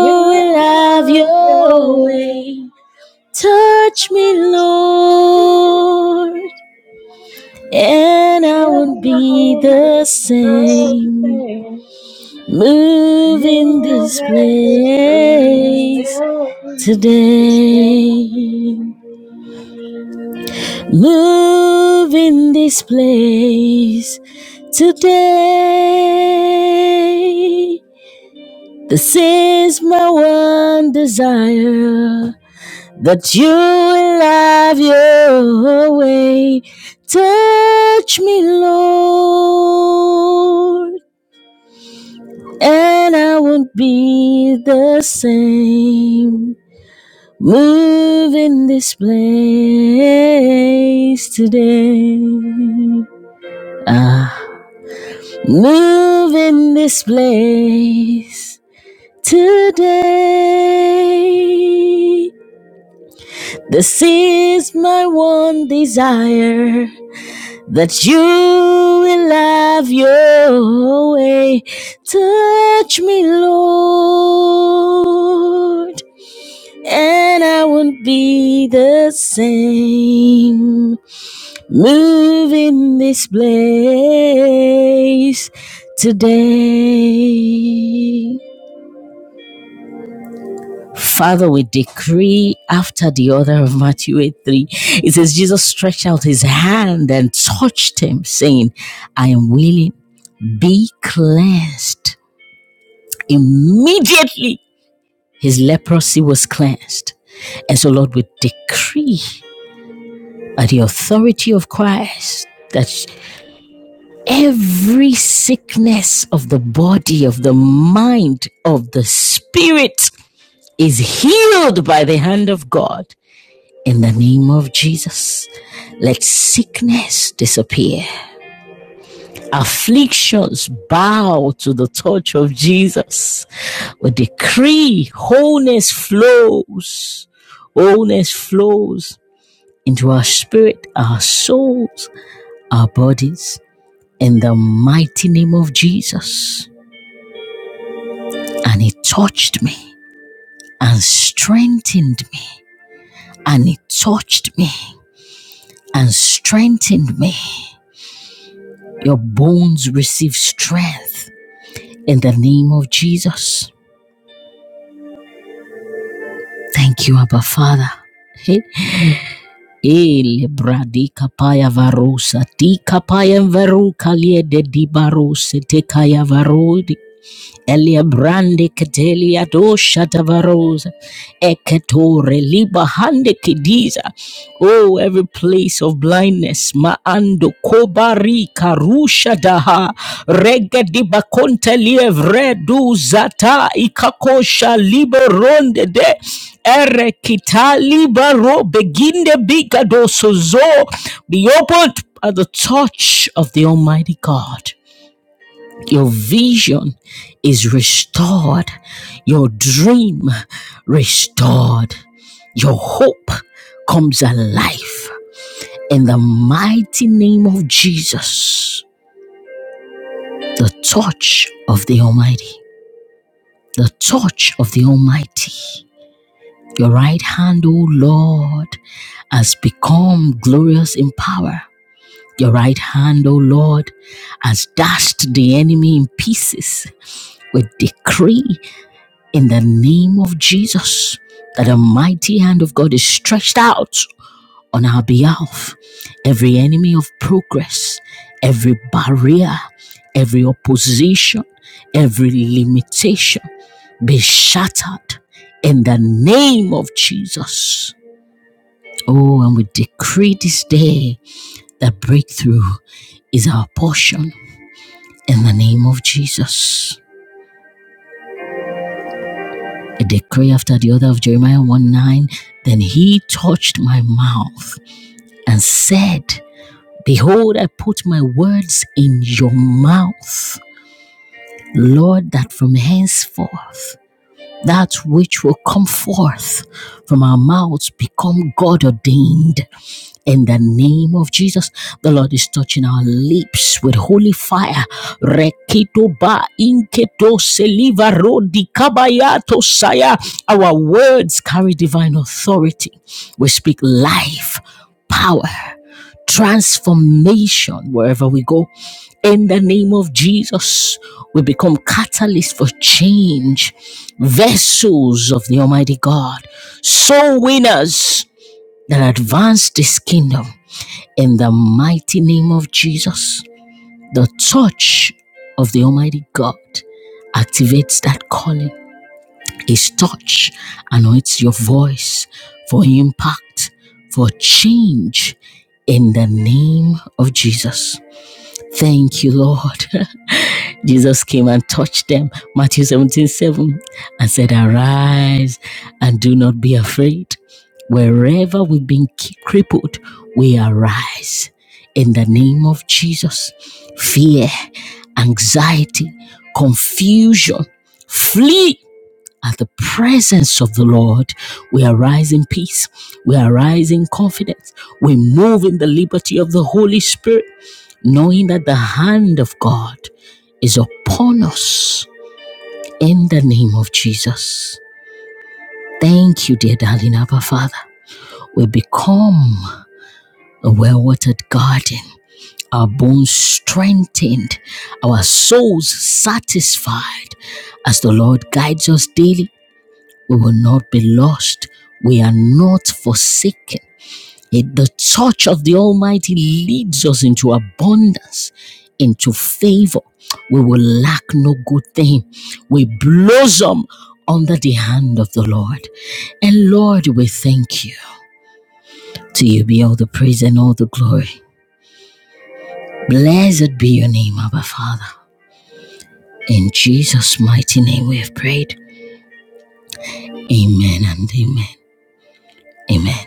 S6: you
S2: have
S6: have your
S2: your
S6: way.
S2: way. Touch me, Lord, and I won't
S6: And I
S2: be
S6: will be
S2: the
S6: the
S2: same.
S6: same.
S2: Move in
S6: Moving
S2: this
S6: than just
S2: place
S6: friends today.
S2: today. Move in this place today. This is my one desire that you will have your way. Touch me, Lord, and I won't be the same. Move in this place today. Ah, move in this place today. This is my one desire that you will have your way. Touch me, Lord. and I won't be the same. Move in this place today. Father, we decree after the order of Matthew 8 3. It says, Jesus stretched out his hand and touched him, saying, I am willing, be cleansed. Immediately, his leprosy was cleansed. And so, Lord, we decree. at the authority of Christ that every sickness of the body, of the mind, of the spirit is healed by the hand of God. In the name of Jesus, let sickness disappear. Afflictions bow to the touch of Jesus. We decree wholeness flows. Wholeness flows into our spirit, our souls, our bodies in the mighty name of Jesus. And it touched me and strengthened me. And it touched me and strengthened me. Your bones receive strength in the name of Jesus. Thank you, Abba Father. Hey, hey, bradi varosa, di kapaya varu kalie de di barose te kaya varodi. Elia brande ketelia dosha tavarosa. Eketore liba hande kidiza. Oh, every place of blindness. Maando kobari karusha daha. Rege diba konte lievre zata ikakosha liberonde de. Ere kita libaro beginde bigadoso zo. Be opened at the touch of the Almighty God. Your vision is restored. Your dream restored. Your hope comes alive. In the mighty name of Jesus, the touch of the Almighty, the touch of the Almighty. Your right hand, O Lord, has become glorious in power. Your right hand, O Lord, has dashed the enemy in pieces with decree in the name of Jesus that the mighty hand of God is stretched out on our behalf. Every enemy of progress, every barrier, every opposition, every limitation be shattered in the name of Jesus. Oh, and we decree this day that breakthrough is our portion in the name of Jesus. a decree after the other of Jeremiah 1 9. Then he touched my mouth and said, Behold, I put my words in your mouth, Lord, that from henceforth that which will come forth from our mouths become God ordained in the name of Jesus, the Lord is touching our lips with holy fire. Rekito ba inketo seliva rodi kabayato saya. Our words carry divine authority. We speak life, power, transformation wherever we go. In the name of Jesus, we become catalysts for change, vessels of the Almighty God, soul winners that advanced his kingdom in the mighty name of Jesus. The touch of the Almighty God activates that calling. His touch anoints your voice for impact, for change in the name of Jesus. Thank you, Lord. Jesus came and touched them, Matthew 17 7, and said, Arise and do not be afraid. Wherever we've been crippled, we arise in the name of Jesus. Fear, anxiety, confusion, flee at the presence of the Lord. We arise in peace, we arise in confidence, we move in the liberty of the Holy Spirit knowing that the hand of God is upon us in the name of Jesus. Thank you, dear darling Abba Father. We become a well watered garden, our bones strengthened, our souls satisfied. As the Lord guides us daily, we will not be lost. We are not forsaken. It- the touch of the Almighty leads us into abundance, into favor. We will lack no good thing. We blossom under the hand of the Lord. And Lord, we thank you. To you be all the praise and all the glory. Blessed be your name, Abba Father. In Jesus' mighty name we have prayed. Amen and amen. Amen.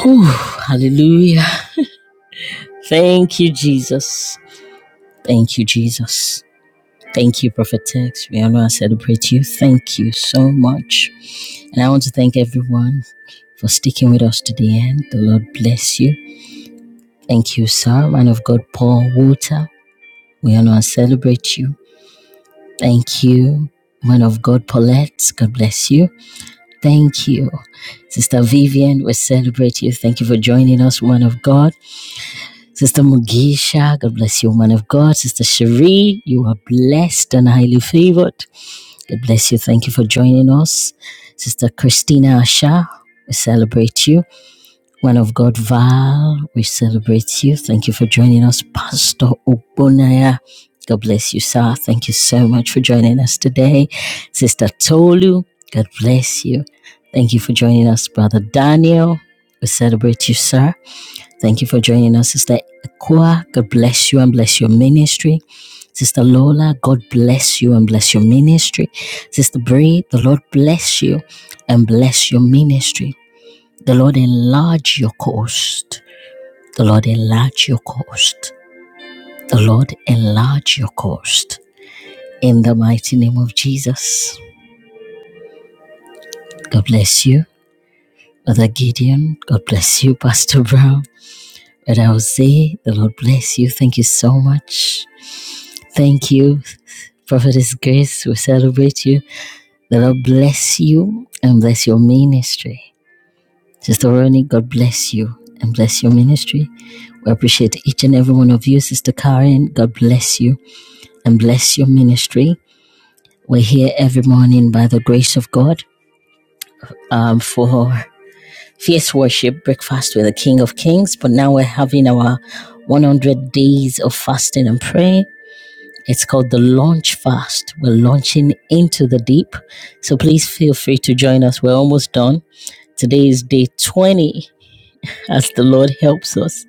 S2: Whew, hallelujah. Thank you, Jesus. Thank you, Jesus. Thank you, Prophet Tex. We honor and celebrate you. Thank you so much. And I want to thank everyone for sticking with us to the end. The Lord bless you. Thank you, sir, man of God, Paul Walter. We honor and celebrate you. Thank you, man of God, Paulette. God bless you. Thank you, Sister Vivian. We celebrate you. Thank you for joining us, woman of God. Sister Mugisha, God bless you, woman of God. Sister Cherie, you are blessed and highly favored. God bless you. Thank you for joining us. Sister Christina Asha, we celebrate you. One of God, Val, we celebrate you. Thank you for joining us. Pastor Obonaya, God bless you, sir. Thank you so much for joining us today. Sister Tolu, God bless you. Thank you for joining us, Brother Daniel. We celebrate you, sir. Thank you for joining us, Sister Akua. God bless you and bless your ministry. Sister Lola, God bless you and bless your ministry. Sister Bree, the Lord bless you and bless your ministry. The Lord enlarge your coast. The Lord enlarge your coast. The Lord enlarge your coast. In the mighty name of Jesus. God bless you, Brother Gideon. God bless you, Pastor Brown. But I will say, the Lord bless you. Thank you so much Thank you, Prophetess Grace. We celebrate you. The Lord bless you and bless your ministry. Sister Ronnie, God bless you and bless your ministry. We appreciate each and every one of you. Sister Karen, God bless you and bless your ministry. We're here every morning by the grace of God um, for fierce worship, breakfast with the King of Kings. But now we're having our 100 days of fasting and praying. It's called the Launch Fast. We're launching into the deep. So please feel free to join us. We're almost done. Today is day 20 as the Lord helps us.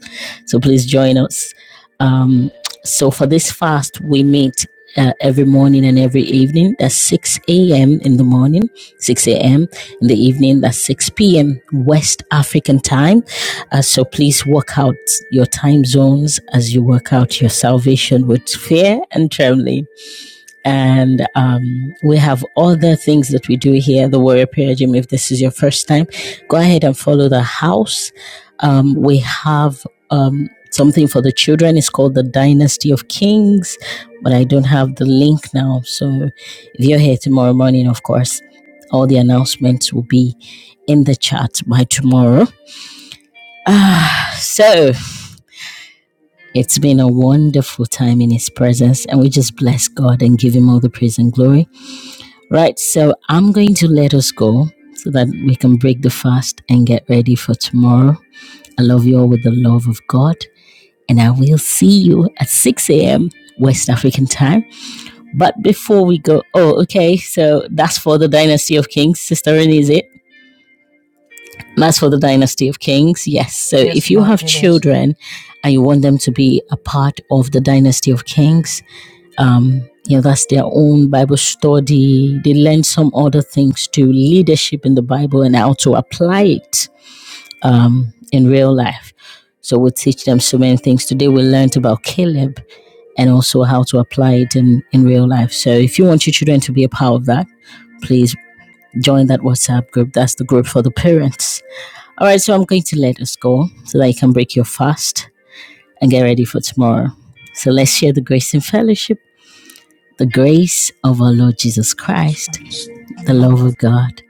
S2: So please join us. Um, so for this fast, we meet uh, every morning and every evening. That's 6 a.m. in the morning, 6 a.m. in the evening. That's 6 p.m. West African time. Uh, so please work out your time zones as you work out your salvation with fear and trembling and um, we have other things that we do here at the Warrior Prayer Gym. If this is your first time, go ahead and follow the house. Um, we have um, something for the children. It's called the Dynasty of Kings, but I don't have the link now. So if you're here tomorrow morning, of course, all the announcements will be in the chat by tomorrow. Ah, so it's been a wonderful time in His presence, and we just bless God and give Him all the praise and glory. Right, so I'm going to let us go so that we can break the fast and get ready for tomorrow. I love you all with the love of God, and I will see you at 6 a.m. West African time. But before we go, oh, okay, so that's for the Dynasty of Kings. Sister Renee, is it? That's for the Dynasty of Kings, yes. So
S1: Yes,
S2: if you
S1: my
S2: have
S1: it is.
S2: children and you want them to be a part of the Dynasty of Kings, um you know that's their own bible study they learn some other things too, leadership in the bible and how to apply it um in real life so we teach them so many things today we learned about caleb and also how to apply it in in real life so if you want your children to be a part of that please join that whatsapp group that's the group for the parents all right so i'm going to let us go so that you can break your fast and get ready for tomorrow so let's share the grace and fellowship the grace of our Lord Jesus
S1: Jesus
S2: Christ,
S1: Christ, and
S2: the
S1: the love
S2: love
S1: of
S2: of
S1: God,
S2: God,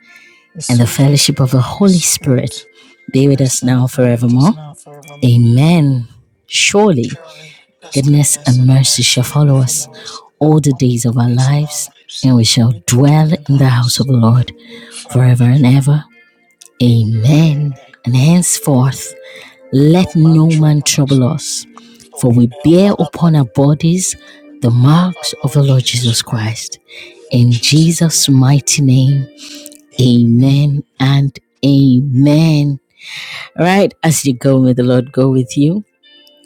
S1: the
S2: and the
S1: sweet fellowship
S2: fellowship of
S1: of
S2: the
S1: the Holy
S2: Holy Spirit
S1: Spirit,
S2: be with us
S1: rest and
S2: now and
S1: abide with us
S2: forevermore.
S1: now forever.
S2: Amen. Surely
S1: Surely His
S2: goodness
S1: goodness
S2: and
S1: and
S2: mercy shall
S1: mercy shall
S2: follow us
S1: follow us
S2: all the
S1: all
S2: days
S1: the
S2: of our
S1: days of our
S2: lives,
S1: lives,
S2: and we
S1: and
S2: shall
S1: we shall dwell
S2: dwell
S1: in the
S2: in the house of
S1: house
S2: the Lord
S1: forever
S2: forever and ever.
S1: and ever.
S2: Amen.
S1: Amen.
S2: And henceforth,
S1: No
S2: let
S1: man
S2: no man
S1: trouble us,
S2: trouble us,
S1: for
S2: for
S1: we
S2: we
S1: bear
S2: bear
S1: upon our
S2: upon
S1: body
S2: our
S1: the
S2: bodies the
S1: mark of
S2: marks
S1: our
S2: of
S1: Lord
S2: the Lord
S1: Jesus
S2: Jesus
S1: Christ.
S2: Christ.
S1: In
S2: In
S1: Jesus' name,
S2: Jesus' mighty name,
S1: Amen.
S2: amen and amen. All right, as you go, may the Lord go with you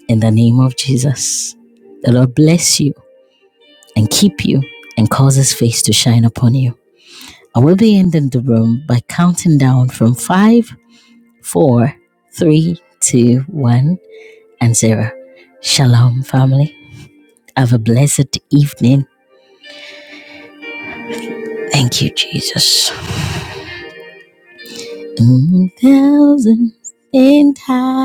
S2: in the name of Jesus. The Lord bless you and keep you and cause his face to shine upon you. I will be ending the room by counting down from five, four, three, two, one. and Sarah. Shalom, family. Have a blessed evening. Thank you, Jesus. Mm, Thousands in time.